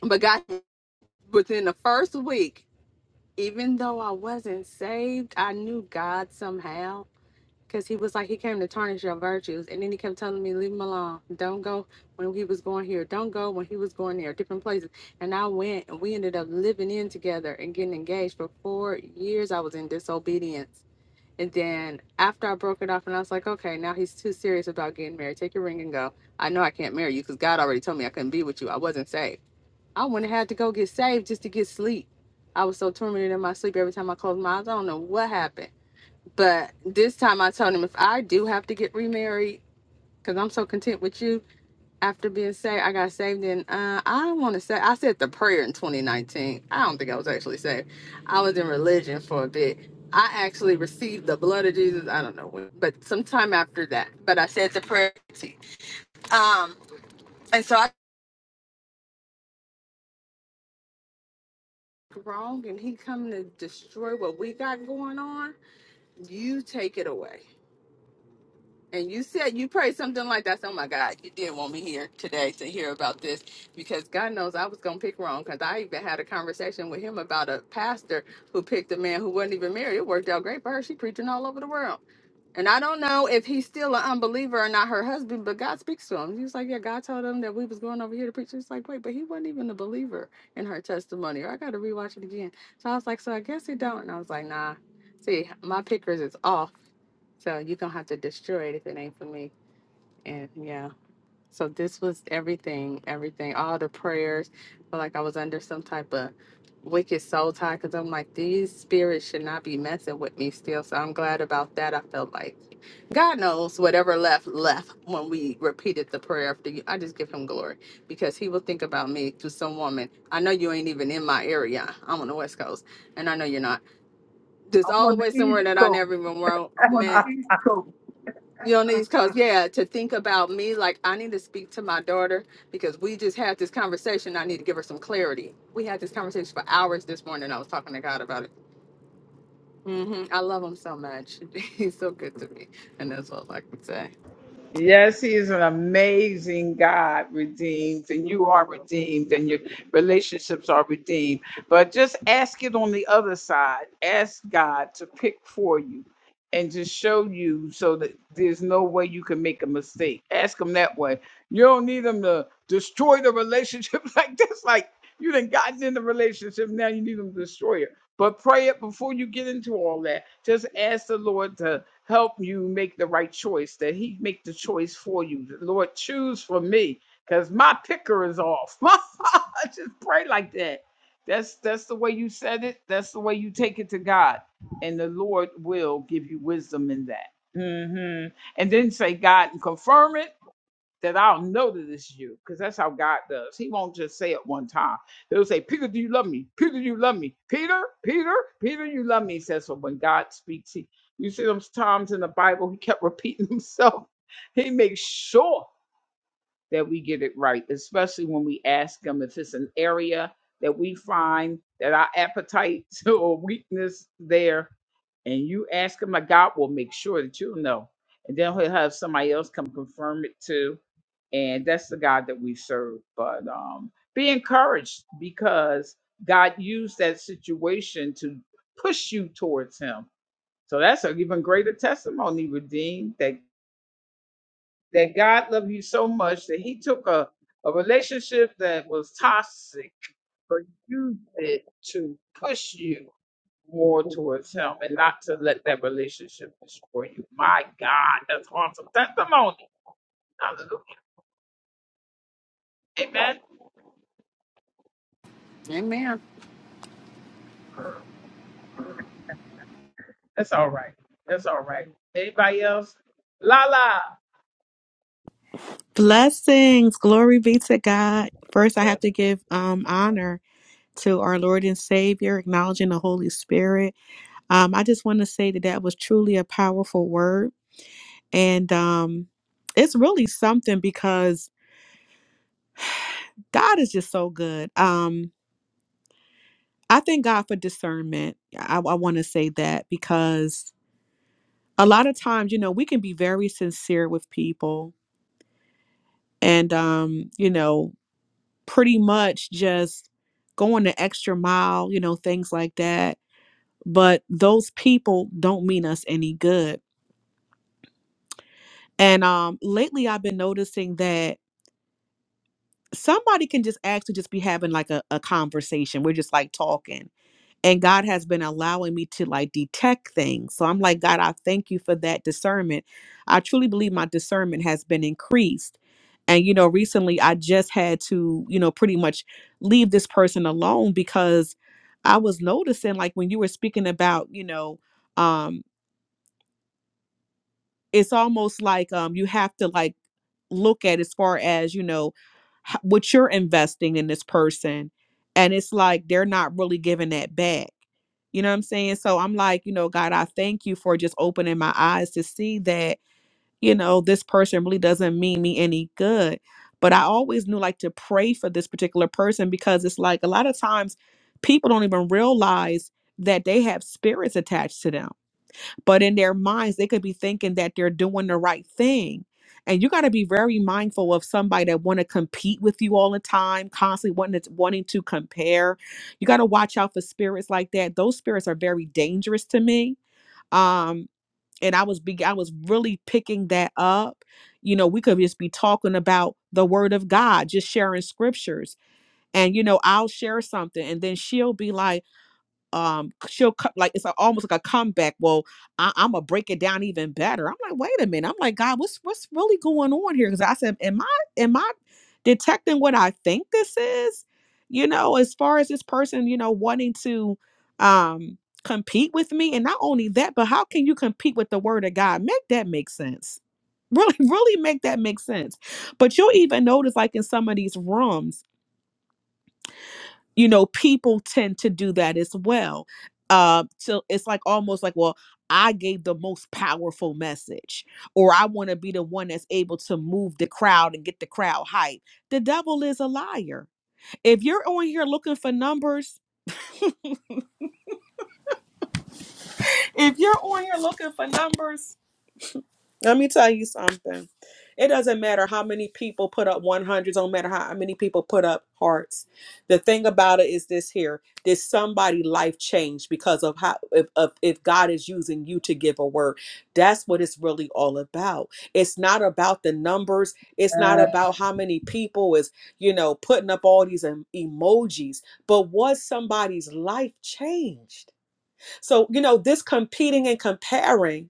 S3: but God, within the first week, even though I wasn't saved, I knew God somehow Cause he was like he came to tarnish your virtues, and then he kept telling me, "Leave him alone. Don't go when he was going here. Don't go when he was going there. Different places." And I went, and we ended up living in together and getting engaged for four years. I was in disobedience, and then after I broke it off, and I was like, "Okay, now he's too serious about getting married. Take your ring and go. I know I can't marry you because God already told me I couldn't be with you. I wasn't saved. I went and had to go get saved just to get sleep. I was so tormented in my sleep every time I closed my eyes. I don't know what happened." But this time I told him if I do have to get remarried, because I'm so content with you after being saved, I got saved and uh, I want to say, I said the prayer in 2019. I don't think I was actually saved. I was in religion for a bit. I actually received the blood of Jesus. I don't know when, but sometime after that. But I said the prayer. Um, and so I wrong and he come to destroy what we got going on. You take it away. And you said you prayed something like that. So, oh my God, you did want me here today to hear about this because God knows I was going to pick wrong because I even had a conversation with him about a pastor who picked a man who wasn't even married. It worked out great for her. She preaching all over the world. And I don't know if he's still an unbeliever or not her husband, but God speaks to him. He was like, Yeah, God told him that we was going over here to preach. He was like, Wait, but he wasn't even a believer in her testimony. Or I gotta rewatch it again. So I was like, So I guess he don't. And I was like, nah. See, my pickers is off. So you're gonna have to destroy it if it ain't for me. And yeah. So this was everything, everything, all the prayers. Felt like I was under some type of wicked soul tie because I'm like, these spirits should not be messing with me still. So I'm glad about that. I felt like God knows whatever left left when we repeated the prayer after you. I just give him glory because he will think about me through some woman. I know you ain't even in my area. I'm on the West Coast and I know you're not. There's always somewhere that I never even wrote, i you know, because yeah, to think about me, like I need to speak to my daughter because we just had this conversation. I need to give her some clarity. We had this conversation for hours this morning. I was talking to God about it. hmm I love him so much. He's so good to me, and that's all I can say. Amen.
S8: Blessings, glory be to God. First, I have to give um, honor to our Lord and Savior, acknowledging the Holy Spirit. Um, I just want to say that that was truly a powerful word, and um, it's really something because God is just so good. Um, I thank God for discernment. I, I want to say that because a lot of times, you know, we can be very sincere with people, and um, you know. pretty much just going the extra mile, you know, things like that. But those people don't mean us any good. And um lately I've been noticing that somebody can just actually just be having like a, a conversation. We're just like talking and God has been allowing me to like detect things. So I'm like, God, I thank you for that discernment. I truly believe my discernment has been increased. And you know, recently I just had to, you know, pretty much leave this person alone because I was noticing like when you were speaking about, you know, um it's almost like um you have to like look at as far as, you know, h- what you're investing in this person and it's like they're not really giving that back you know what I'm saying? So I'm like, you know, God, I thank you for just opening my eyes to see that, you know, this person really doesn't mean me any good. But I always knew like to pray for this particular person because it's like a lot of times people don't even realize that they have spirits attached to them but in their minds they could be thinking that they're doing the right thing and you got to be very mindful of somebody that want to compete with you all the time constantly wanting to, wanting to compare you got to watch out for spirits like that those spirits are very dangerous to me um and i was be i was really picking that up you know we could just be talking about the word of god just sharing scriptures and you know i'll share something and then she'll be like um she'll cut like it's a, almost like a comeback well I, i'm gonna break it down even better i'm like wait a minute i'm like god what's what's really going on here because i said am i am i detecting what i think this is you know as far as this person you know wanting to um compete with me and not only that but how can you compete with the word of god make that make sense really really make that make sense but you'll even notice like in some of these rooms you know people tend to do that as well uh so it's like almost like well i gave the most powerful message or i want to be the one that's able to move the crowd and get the crowd hype the devil is a liar if you're on here looking for numbers if you're on here looking for numbers Let me tell you something. It doesn't matter how many people put up 100s, don't matter how many people put up hearts. The thing about it is this here. Did somebody life change because of how if, of, if God is using you to give a word? That's what it's really all about. It's not about the numbers. It's not about how many people is, you know, putting up all these em- emojis, but was somebody's life changed? So, you know, this competing and comparing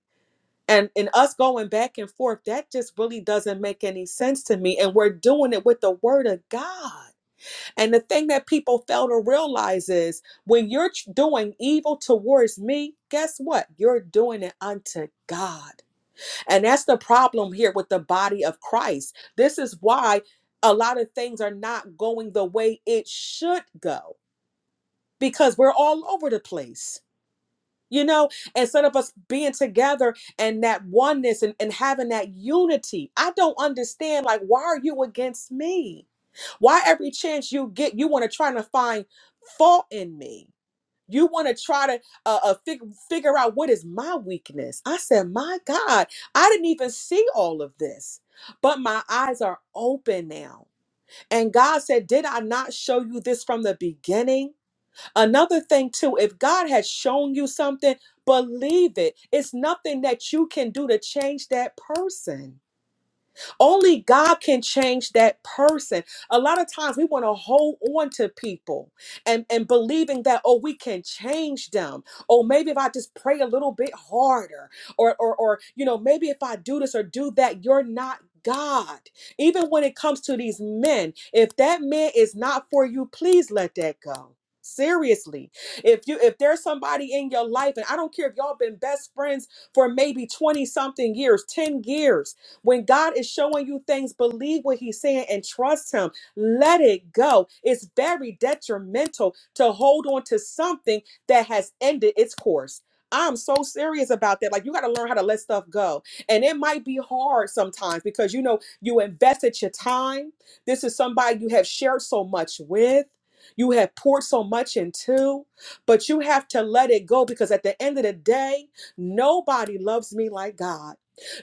S8: and and us going back and forth that just really doesn't make any sense to me and we're doing it with the word of god and the thing that people fail to realize is when you're ch- doing evil towards me guess what you're doing it unto god and that's the problem here with the body of christ this is why a lot of things are not going the way it should go because we're all over the place you know instead of us being together and that oneness and, and having that unity i don't understand like why are you against me why every chance you get you want to try to find fault in me you want to try to uh, uh fig- figure out what is my weakness i said my god i didn't even see all of this but my eyes are open now and god said did i not show you this from the beginning Another thing, too, if God has shown you something, believe it. It's nothing that you can do to change that person. Only God can change that person. A lot of times we want to hold on to people and, and believing that, oh, we can change them. Oh maybe if I just pray a little bit harder, or or or you know, maybe if I do this or do that, you're not God. Even when it comes to these men, if that man is not for you, please let that go. Seriously, if you if there's somebody in your life, and I don't care if y'all been best friends for maybe 20 something years, 10 years. When God is showing you things, believe what He's saying and trust Him. Let it go. It's very detrimental to hold on to something that has ended its course. I'm so serious about that. Like, you got to learn how to let stuff go. And it might be hard sometimes because, you know, you invested your time. This is somebody you have shared so much with, you have poured so much into, but you have to let it go because at the end of the day, nobody loves me like God.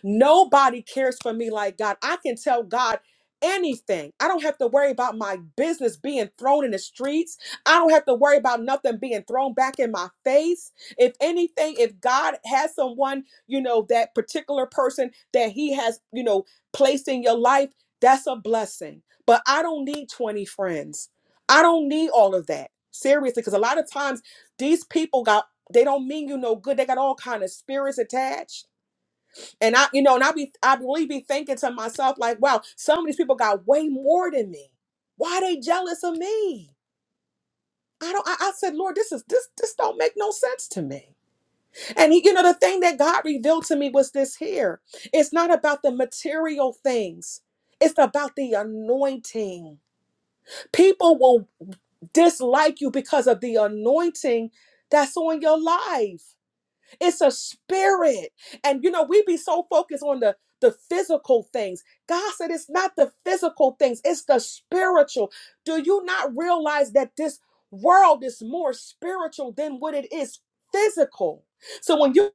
S8: Nobody cares for me like God. I can tell God anything. I don't have to worry about my business being thrown in the streets. I don't have to worry about nothing being thrown back in my face. If anything, if God has someone, you know, that particular person that he has, you know, placed in your life, that's a blessing. But I don't need 20 friends. I don't need all of that. Seriously, because a lot of times these people got they don't mean you no good. They got all kind of spirits attached and I, you know, and I be I really be thinking to myself, like, wow, some of these people got way more than me. Why they jealous of me? I don't I, I said, Lord, this is this this don't make no sense to me. And he, you know, the thing that God revealed to me was this here. It's not about the material things. It's about the anointing. People will dislike you because of the anointing that's on your life. It's a spirit. And you know, we be so focused on the the physical things. God said it's not the physical things, it's the spiritual. Do you not realize that this world is more spiritual than what it is physical? So when you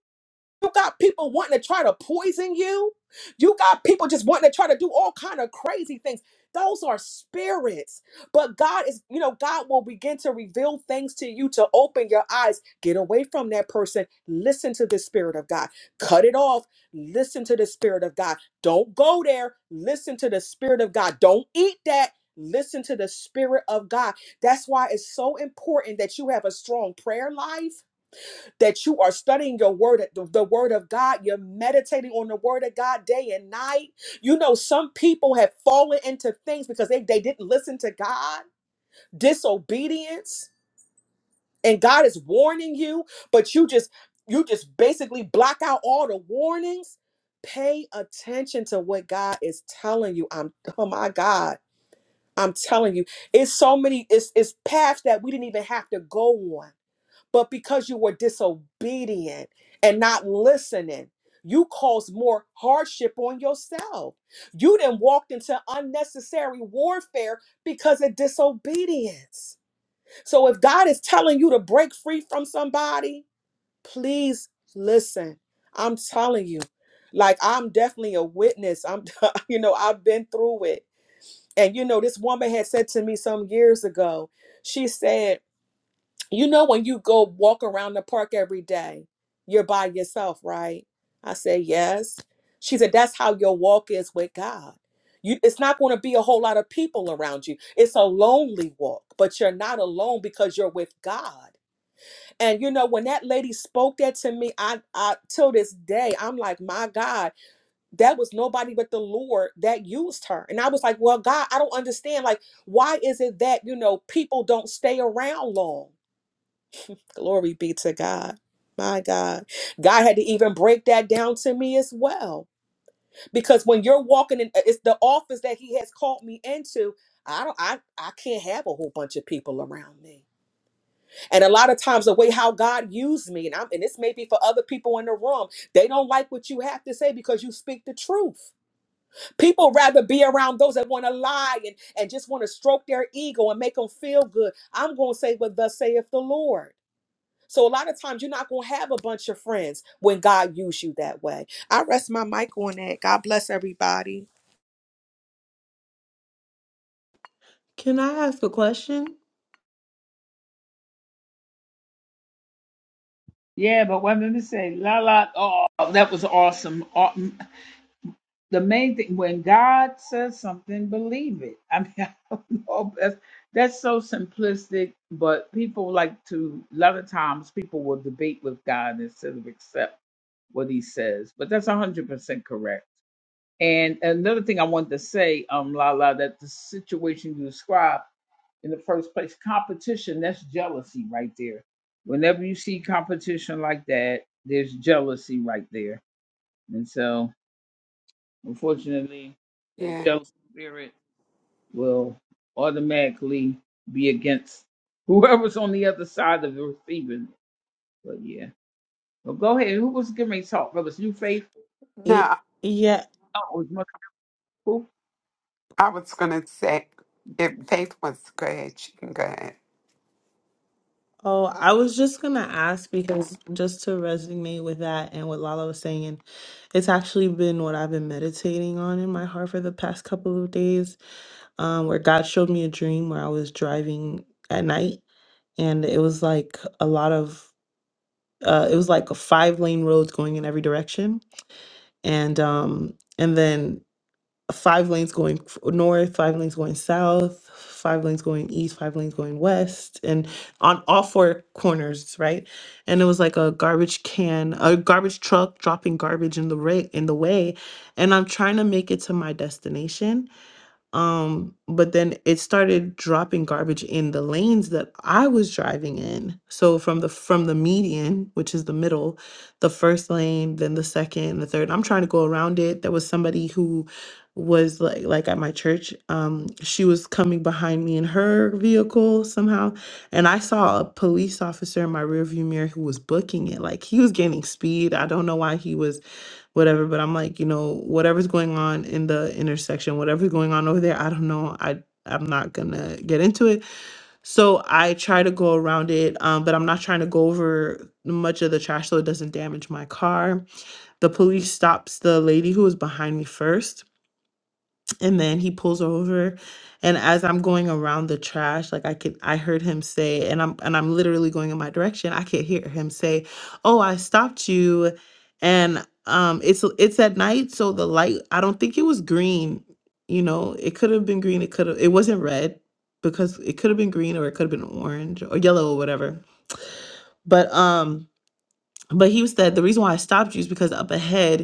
S8: you got people wanting to try to poison you. You got people just wanting to try to do all kind of crazy things. Those are spirits. But God is, you know, God will begin to reveal things to you to open your eyes. Get away from that person. Listen to the spirit of God. Cut it off. Listen to the spirit of God. Don't go there. Listen to the spirit of God. Don't eat that. Listen to the spirit of God. That's why it's so important that you have a strong prayer life that you are studying your word, the, the word of God. You're meditating on the word of God day and night. You know, some people have fallen into things because they, they didn't listen to God, disobedience, and God is warning you, but you just you just basically block out all the warnings. Pay attention to what God is telling you. I'm oh my God. I'm telling you, it's so many, it's it's paths that we didn't even have to go on but because you were disobedient and not listening, you caused more hardship on yourself. You then walked into unnecessary warfare because of disobedience. So if God is telling you to break free from somebody, please listen. I'm telling you. Like I'm definitely a witness. I'm you know, I've been through it. And you know, this woman had said to me some years ago, she said, you know, when you go walk around the park every day, you're by yourself, right? I said, Yes. She said, That's how your walk is with God. You, it's not going to be a whole lot of people around you. It's a lonely walk, but you're not alone because you're with God. And you know, when that lady spoke that to me, I, I till this day, I'm like, my God, that was nobody but the Lord that used her. And I was like, well, God, I don't understand. Like, why is it that, you know, people don't stay around long? Glory be to God. My God. God had to even break that down to me as well. Because when you're walking in it's the office that he has called me into, I don't I I can't have a whole bunch of people around me. And a lot of times the way how God used me, and I'm and this may be for other people in the room, they don't like what you have to say because you speak the truth. People rather be around those that want to lie and, and just want to stroke their ego and make them feel good. I'm gonna say what thus saith the Lord. So a lot of times you're not going to have a bunch of friends when God used you that way. I rest my mic on that. God bless everybody.
S2: Can I ask a question?
S4: Yeah. No,
S2: Y- Yeah.
S4: I was going to say, if Faith wants to go ahead, she can go ahead.
S2: Oh, I was just gonna ask because just to resonate with that and what Lala was saying, it's actually been what I've been meditating on in my heart for the past couple of days. Um, where God showed me a dream where I was driving at night and it was like a lot of uh it was like a five lane roads going in every direction. And um and then five lanes going f- north, five lanes going south, five lanes going east, five lanes going west, and on all four corners, right? And it was like a garbage can, a garbage truck dropping garbage in the ra- in the way, and I'm trying to make it to my destination um but then it started dropping garbage in the lanes that i was driving in so from the from the median which is the middle the first lane then the second the third i'm trying to go around it there was somebody who was like like at my church um she was coming behind me in her vehicle somehow and i saw a police officer in my rearview mirror who was booking it like he was gaining speed i don't know why he was whatever but i'm like you know whatever's going on in the intersection whatever's going on over there i don't know i i'm not gonna get into it so i try to go around it um, but i'm not trying to go over much of the trash so it doesn't damage my car the police stops the lady who was behind me first and then he pulls over and as i'm going around the trash like i could i heard him say and i'm and i'm literally going in my direction i could hear him say oh i stopped you and um it's it's at night so the light i don't think it was green you know it could have been green it could have it wasn't red because it could have been green or it could have been orange or yellow or whatever but um but he said the reason why i stopped you is because up ahead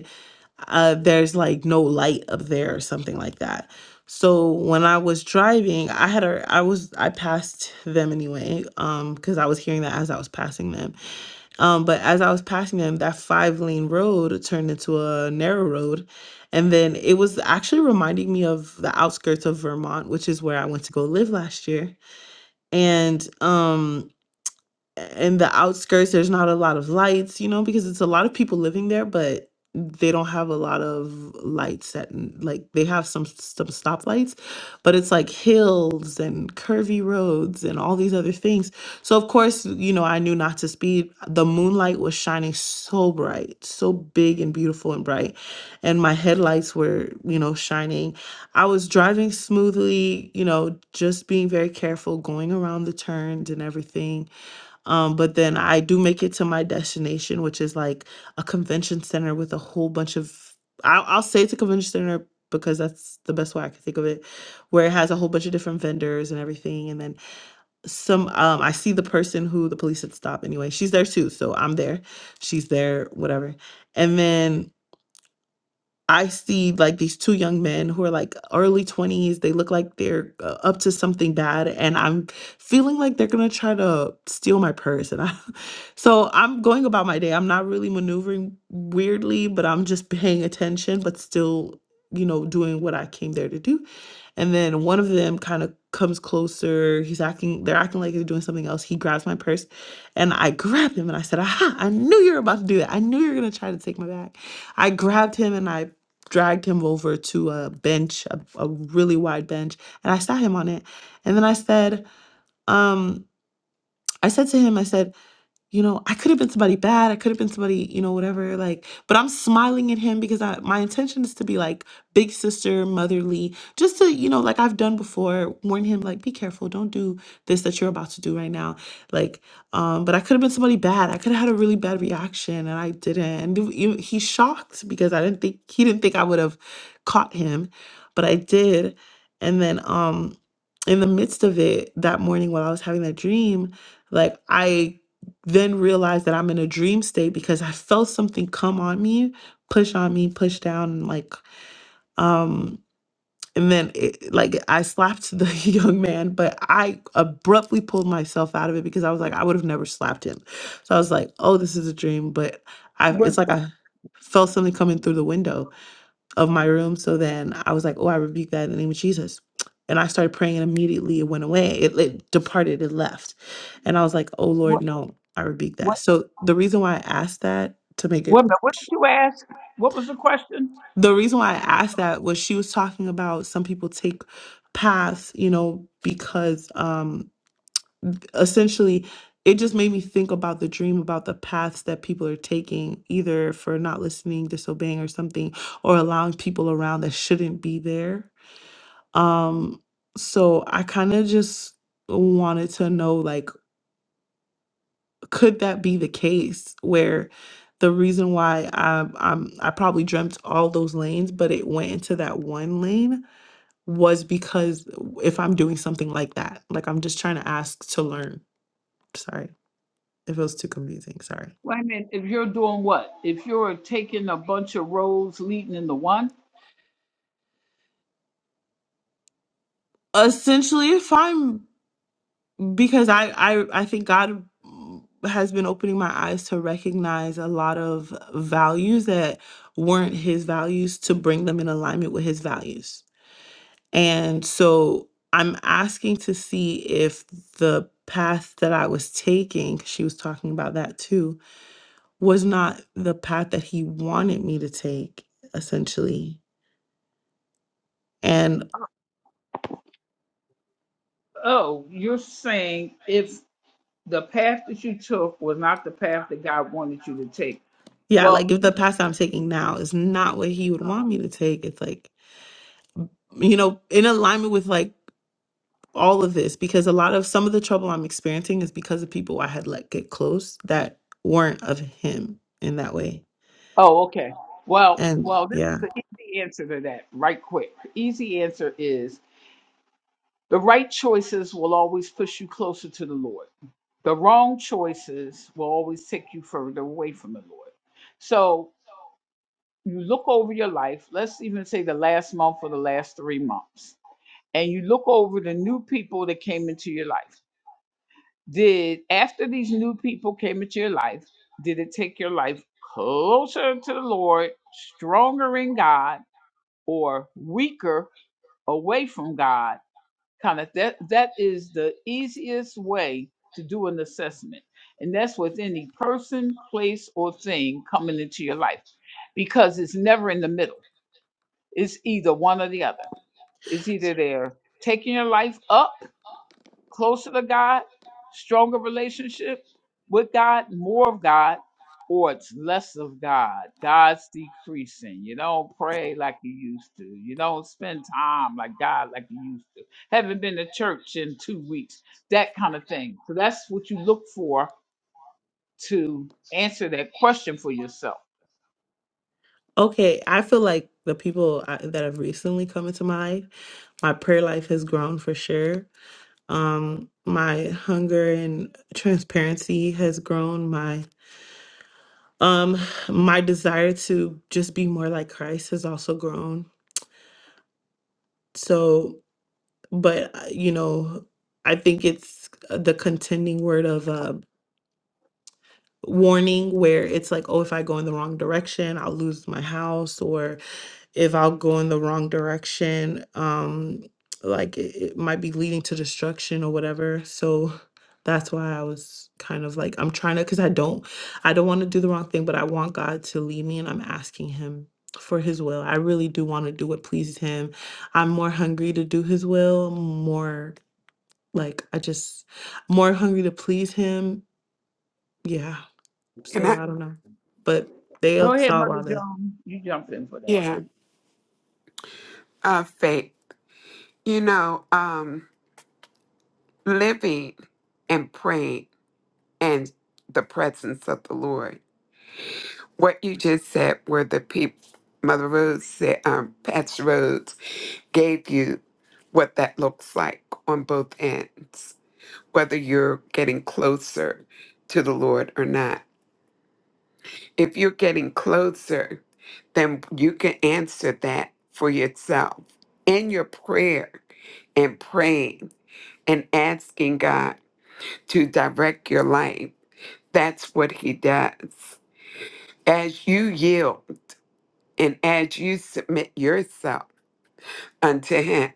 S2: uh, there's like no light up there or something like that. So when I was driving, I had a I was I passed them anyway, um, because I was hearing that as I was passing them. Um, but as I was passing them, that five lane road turned into a narrow road. And then it was actually reminding me of the outskirts of Vermont, which is where I went to go live last year. And um in the outskirts there's not a lot of lights you know because it's a lot of people living there but they don't have a lot of lights at n- like they have some some stoplights but it's like hills and curvy roads and all these other things so of course you know i knew not to speed the moonlight was shining so bright so big and beautiful and bright and my headlights were you know shining i was driving smoothly you know just being very careful going around the turns and everything um, but then I do make it to my destination, which is like a convention center with a whole bunch of. I'll, I'll say it's a convention center because that's the best way I can think of it, where it has a whole bunch of different vendors and everything. And then some, um, I see the person who the police had stopped anyway. She's there too. So I'm there. She's there, whatever. And then I see like these two young men who are like early 20s. They look like they're uh, up to something bad and I'm feeling like they're going to try to steal my purse and I so I'm going about my day. I'm not really maneuvering weirdly, but I'm just paying attention but still, you know, doing what I came there to do. And then one of them kind of comes closer. He's acting they're acting like they're doing something else. He grabs my purse and I grabbed him and I said, "Aha, I knew you were about to do that. I knew you were going to try to take my bag." I grabbed him and I dragged him over to a bench, a, a really wide bench, and I sat him on it. And then I said, um, I said to him, I said, you know, I could have been somebody bad. I could have been somebody, you know, whatever. Like, but I'm smiling at him because I, my intention is to be like big sister, motherly, just to, you know, like I've done before, warn him, like, be careful. Don't do this that you're about to do right now. Like, um, but I could have been somebody bad. I could have had a really bad reaction and I didn't. And you- you- he's shocked because I didn't think, he didn't think I would have caught him, but I did. And then, um, in the midst of it that morning while I was having that dream, like I then realize that I'm in a dream state because I felt something come on me, push on me, push down, and like, um, and then it, like I slapped the young man, but I abruptly pulled myself out of it because I was like, I would have never slapped him. So I was like, oh, this is a dream, but I, it's like I felt something coming through the window of my room. So then I was like, oh, I rebuke that in the name of Jesus. And I started praying and immediately it went away. It, it departed, it left. And I was like, oh Lord, no, I rebuke that. So the reason why I asked that to make it the reason why I asked that was she was talking about some people take paths, you know, because um essentially it just made me think about the dream about the paths that people are taking, either for not listening, disobeying, or something, or allowing people around that shouldn't be there Um, so I kind of just wanted to know, like, could that be the case where the reason why I I'm, I probably dreamt all those lanes, but it went into that one lane was because if I'm doing something like that, like I'm just trying to ask to learn. Sorry if it was too confusing. Sorry. Essentially, if I'm because I, I i think god has been opening my eyes to recognize a lot of values that weren't his values to bring them in alignment with his values and so i'm asking to see if the path that i was taking 'cause she was talking about that too was not the path that he wanted me to take essentially and yeah like if the path that i'm taking now is not what he would want me to take it's like you know in alignment with like all of this because a lot of some of the trouble I'm experiencing is because of people I had let get close that weren't of him in that way. And yeah, okay, I feel like the people I, that have recently come into my life, my prayer life has grown for sure. Um, my hunger and transparency has grown. My um, my desire to just be more like Christ has also grown. So, but uh, you know, I think it's the contending word of uh, warning where it's like, oh, if I go in the wrong direction, I'll lose my house, or if I'll go in the wrong direction, um, like it, it might be leading to destruction or whatever. So that's why I was kind of like, I'm trying to, because I don't, I don't want to do the wrong thing, but I want God to lead me, and I'm asking Him for His will. I really do want to do what pleases Him. I'm more hungry to do His will, more like I just more hungry to please Him. Yeah.
S4: And
S2: So
S4: I,
S2: I don't know. But they saw all the.
S4: yeah, uh, Faith, you know, um, living and praying and the presence of the Lord. What you just said were the people, Mother Rose said, um, Pastor Rose gave you what that looks like on both ends, whether you're getting closer to the Lord or not. If you're getting closer, then you can answer that for yourself in your prayer and praying and asking God to direct your life. That's what He does. As you yield and as you submit yourself unto Him,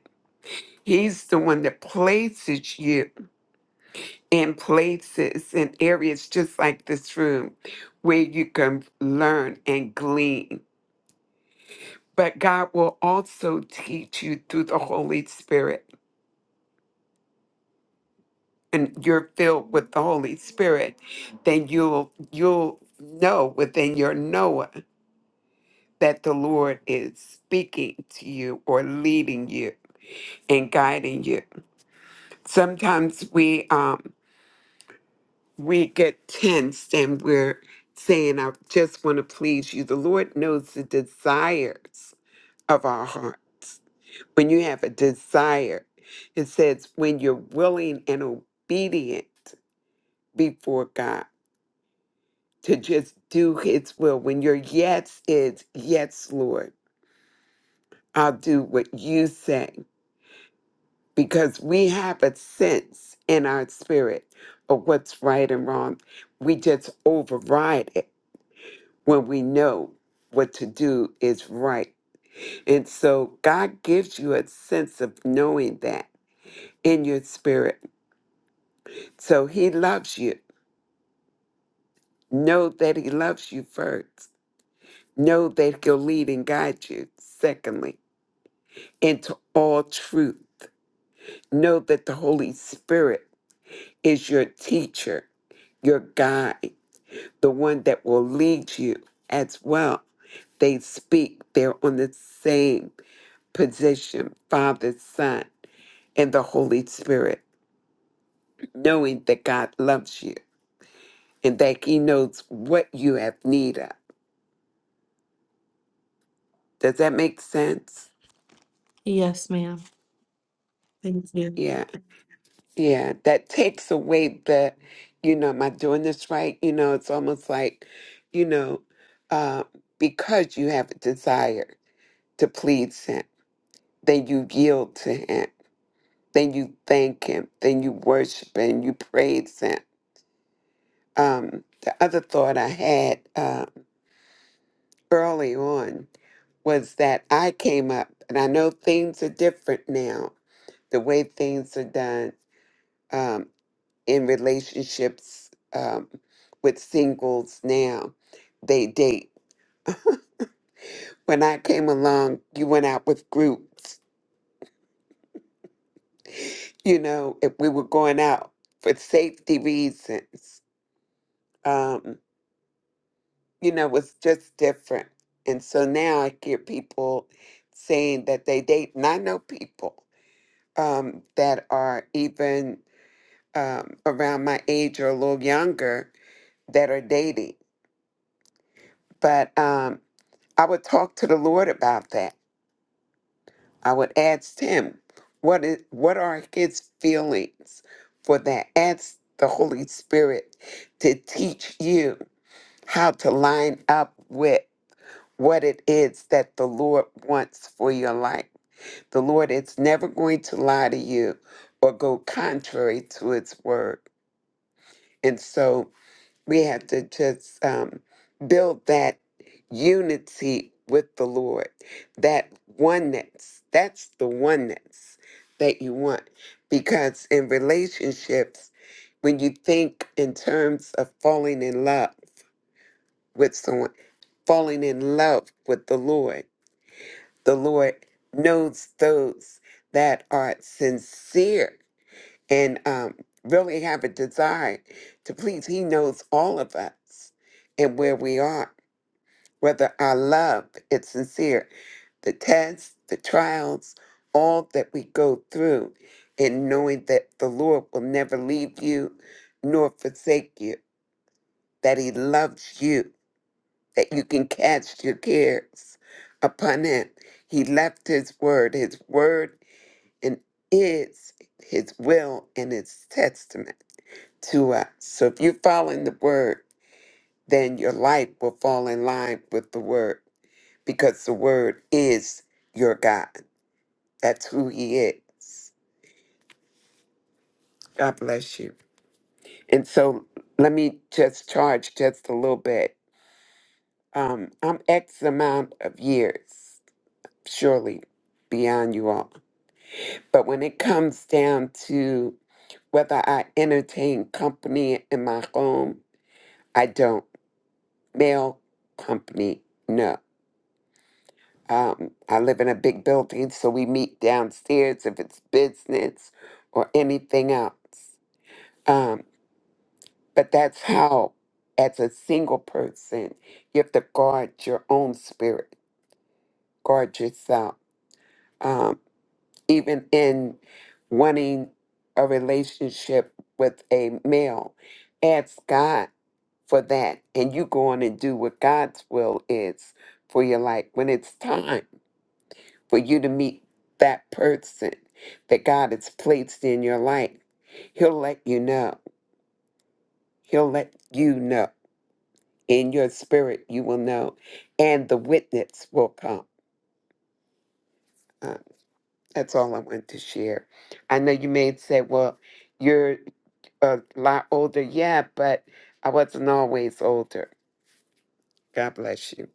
S4: He's the one that places you in places and areas just like this room where you can learn and glean but God will also teach you through the Holy Spirit and you're filled with the Holy Spirit, then you'll you'll know within your Noah that the Lord is speaking to you or leading you and guiding you. Sometimes we um we get tensed and we're saying, I just want to please you. The Lord knows the desires of our heart when you have a desire, it says when you're willing and obedient before God to just do His will, when your yes is, yes, Lord, I'll do what you say, because we have a sense in our spirit of what's right and wrong. We just override it when we know what to do is right. And so God gives you a sense of knowing that in your spirit. So He loves you Know that He loves you first. Know that He'll lead and guide you, secondly, into all truth. Know that the Holy Spirit is your teacher, your guide, the one that will lead you as well. They speak, they're on the same position Father, Son, and the Holy Spirit, knowing that God loves you and that He knows what you have need of. Does that make sense?
S2: Yes, ma'am. Thank you.
S4: Yeah. Yeah, that takes away the, you know, am I doing this right? You know, it's almost like, you know, uh, because you have a desire to please Him, then you yield to Him, then you thank Him, then you worship and you praise Him. Um, the other thought I had uh, early on was that I came up, and I know things are different now, the way things are done. Um, in relationships um, with singles now. They date. When I came along, you went out with groups. You know, if we were going out for safety reasons, um, you know, it's just different. And so now I hear people saying that they date, and I know people um, that are even um, around my age or a little younger that are dating. But um, I would talk to the Lord about that I would ask him, what is what are his feelings for that? Ask the Holy Spirit to teach you how to line up with what it is that the Lord wants for your life. The Lord is never going to lie to you or go contrary to his word. And so we have to just um, build that unity with the Lord, that oneness. That's the oneness that you want. Because in relationships, when you think in terms of falling in love with someone, falling in love with the Lord, the Lord knows those that are sincere and um, really have a desire to please. He knows all of us and where we are, whether our love is sincere, the tests, the trials, all that we go through, and knowing that the Lord will never leave you nor forsake you, that He loves you, that you can cast your cares upon Him. He left His word, His word and is His will and His testament to us. So if you're following the word, then your life will fall in line with the word because the word is your God. That's who he is. God bless you. And so let me just charge just a little bit. Um, I'm X amount of years, surely beyond you all. But when it comes down to whether I entertain company in my home, I don't. Male company, no. Um, I live in a big building, so we meet downstairs if it's business or anything else. Um, but that's how, as a single person, you have to guard your own spirit, guard yourself. Um, even in wanting a relationship with a male, ask God for that, and you go on and do what God's will is for your life when it's time for you to meet that person that God has placed in your life. He'll let you know. He'll let you know. In your spirit, you will know, and the witness will come. Uh, that's all I want to share. I know you may say, well, you're a lot older. Yeah, but I wasn't always older. God bless you.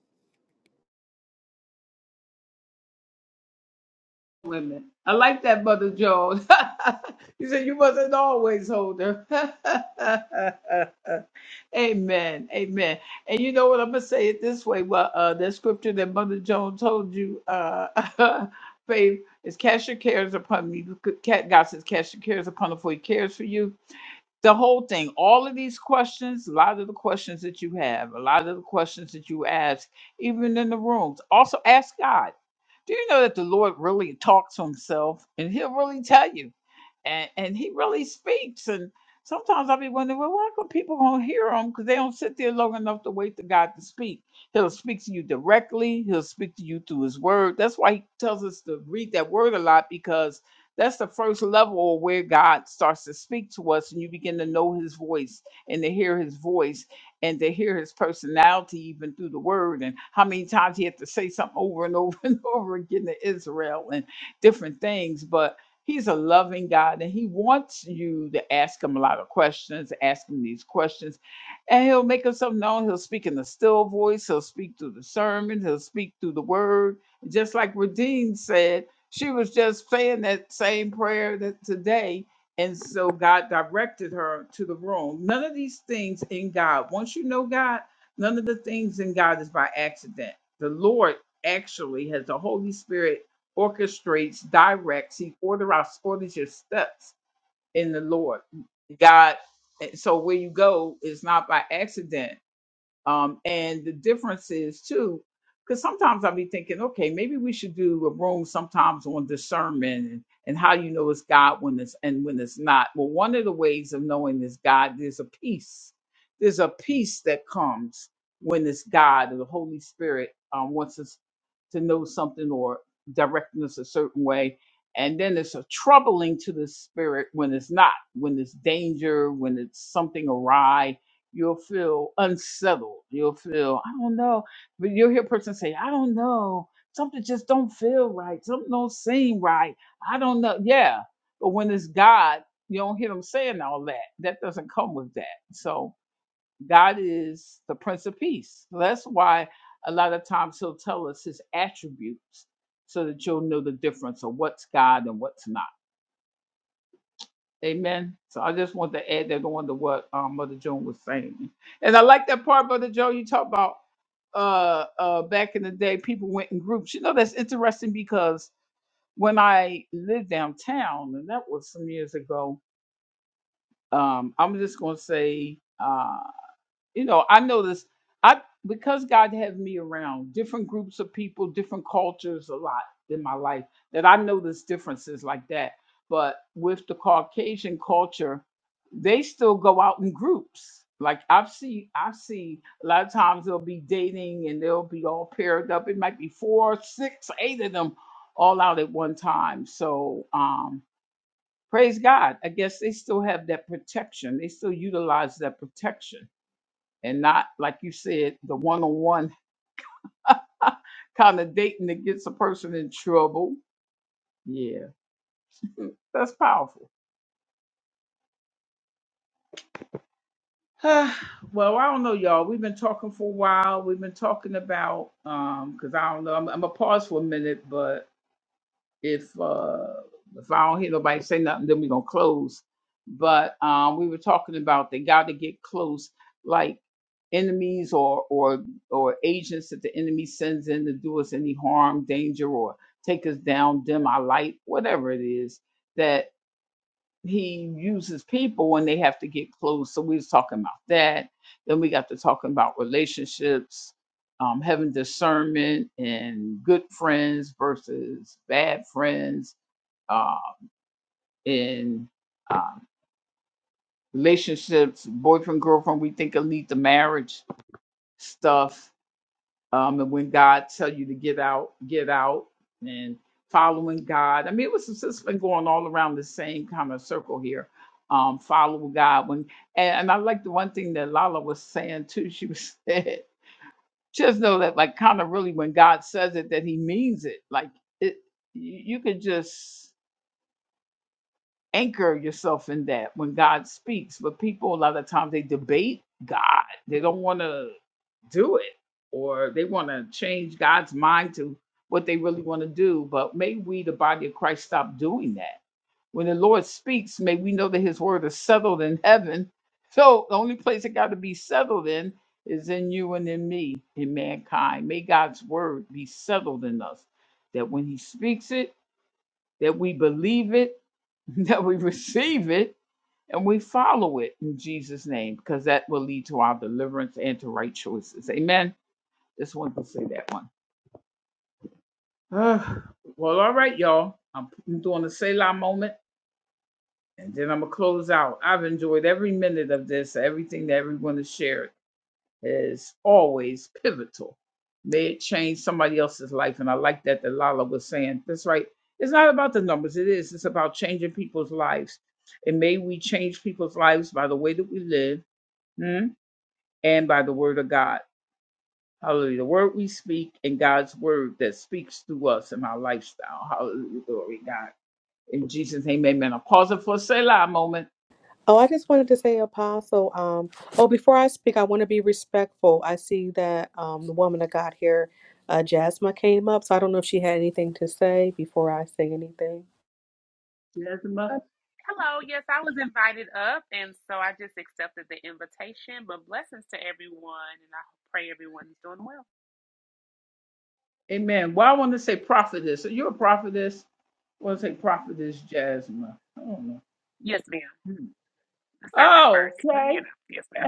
S8: Oh, I just wanted to say, Apostle. Um, oh, before I speak, I want to be respectful. I see that um, the woman that got here, uh, Jasmine came up, so I don't know if she had anything to say before I say anything.
S9: Um, Hello, yes, I was invited up, and so I just accepted the invitation. But blessings to everyone, and I pray everyone is doing well. Yes, ma'am. Servant first, but you know, yes, ma'am.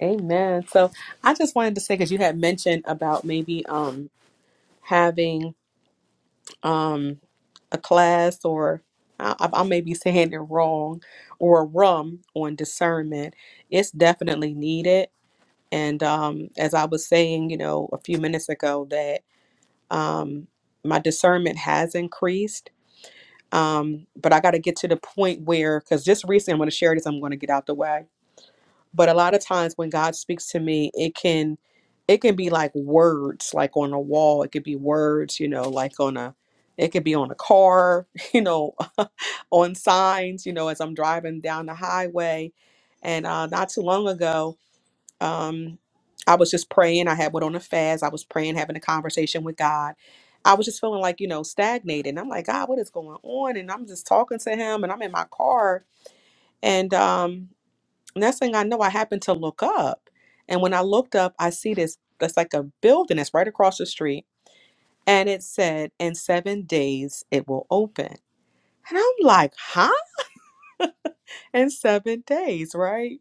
S8: Amen. So I just wanted to say because you had mentioned about maybe um, having. um. a class or I, I may be saying it wrong or rum on discernment, it's definitely needed. And um, as I was saying, you know, a few minutes ago, that um, my discernment has increased. Um, but I got to get to the point where, because just recently, I'm going to share this, I'm going to get out the way but a lot of times when god speaks to me it can it can be like words like on a wall it could be words you know like on a it could be on a car you know on signs you know as i'm driving down the highway and uh, not too long ago um i was just praying i had went on a fast i was praying having a conversation with god i was just feeling like you know stagnated and i'm like god what is going on and i'm just talking to him and i'm in my car and um Next thing I know, I happen to look up. And when I looked up, I see this that's like a building that's right across the street. And it said, in seven days it will open. And I'm like, huh? In seven days, right?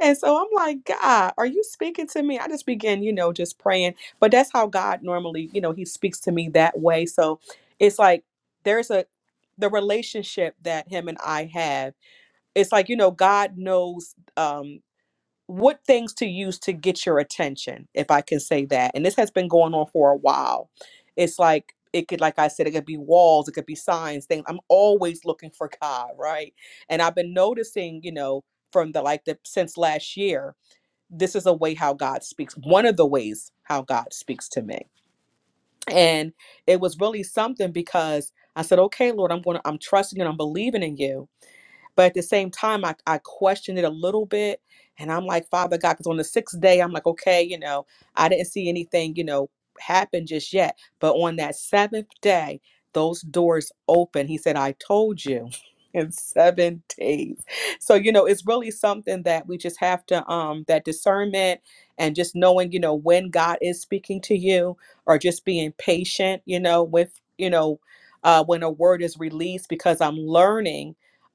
S8: And so I'm like, God, are you speaking to me? I just begin, you know, just praying. But that's how God normally, you know, He speaks to me that way. So it's like there's a the relationship that Him and I have. It's like, you know, God knows um what things to use to get your attention, if I can say that. And this has been going on for a while. It's like it could, like I said, it could be walls, it could be signs, things. I'm always looking for God, right? And I've been noticing, you know, from the like the since last year, this is a way how God speaks. One of the ways how God speaks to me. And it was really something because I said, okay, Lord, I'm gonna I'm trusting and I'm believing in you but at the same time, I, I questioned it a little bit. And I'm like, Father God, because on the sixth day, I'm like, okay, you know, I didn't see anything, you know, happen just yet. But on that seventh day, those doors open. He said, I told you in seven days. So, you know, it's really something that we just have to, um, that discernment and just knowing, you know, when God is speaking to you or just being patient, you know, with, you know, uh, when a word is released, because I'm learning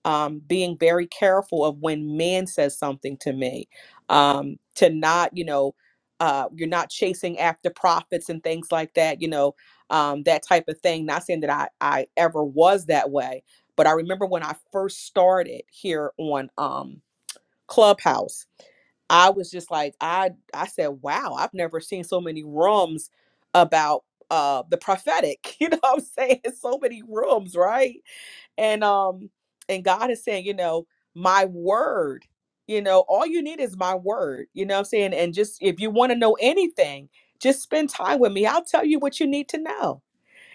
S8: um, being very careful of when man says something to me, um, to not, you know, uh, you're not chasing after prophets and things like that, you know, um, that type of thing. Not saying that I, I ever was that way, but I remember when I first started here on um, Clubhouse, I was just like, I, I said, wow, I've never seen so many rooms about uh, the prophetic. You know what I'm saying? So many rooms, right? and um and god is saying you know my word you know all you need is my word you know what i'm saying and just if you want to know anything just spend time with me i'll tell you what you need to know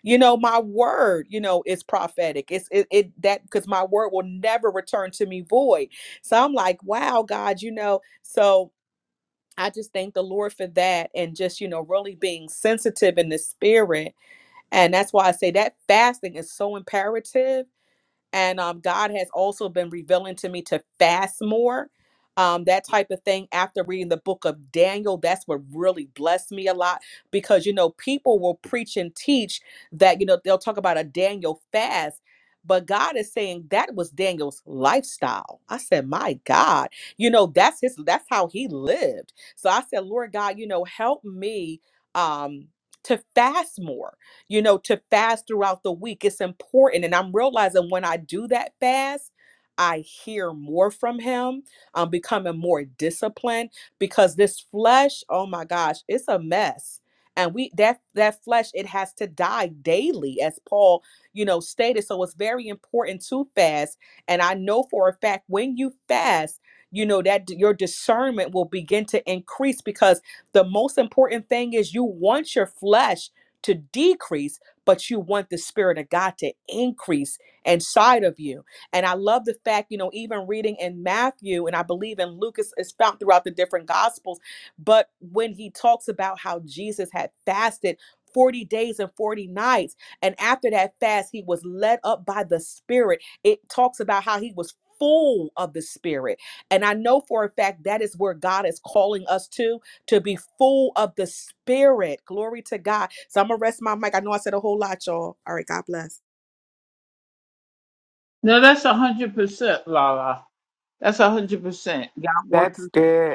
S8: you know my word you know is prophetic it's it, it that because my word will never return to me void so i'm like wow god you know so i just thank the lord for that and just you know really being sensitive in the spirit and that's why i say that fasting is so imperative and um, God has also been revealing to me to fast more, um, that type of thing. After reading the book of Daniel, that's what really blessed me a lot because you know people will preach and teach that you know they'll talk about a Daniel fast. But God is saying that was Daniel's lifestyle. I said, "My God, you know that's his. That's how he lived." So I said, "Lord God, you know, help me um, to fast more." you know, to fast throughout the week. It's important. And I'm realizing when I do that fast, I hear more from him. I'm becoming more disciplined because this flesh, oh my gosh, it's a mess. And we that that flesh, it has to die daily, as Paul, you know, stated. So it's very important to fast. And I know for a fact when you fast, you know, that d- your discernment will begin to increase because the most important thing is you want your flesh to decrease, but you want the Spirit of God to increase inside of you. And I love the fact, you know, even reading in Matthew, and I believe in Lucas is it's found throughout the different Gospels, but when he talks about how Jesus had fasted 40 days and 40 nights, and after that fast, he was led up by the Spirit. It talks about how he was full of the Spirit. And I know for a fact that is where God is calling us to to be full of the Spirit. Glory to God. So I'm going to rest my mic. I know I said a whole lot, y'all. All right. God bless.
S4: That's good.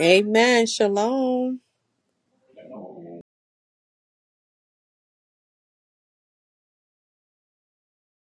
S8: Amen. Shalom.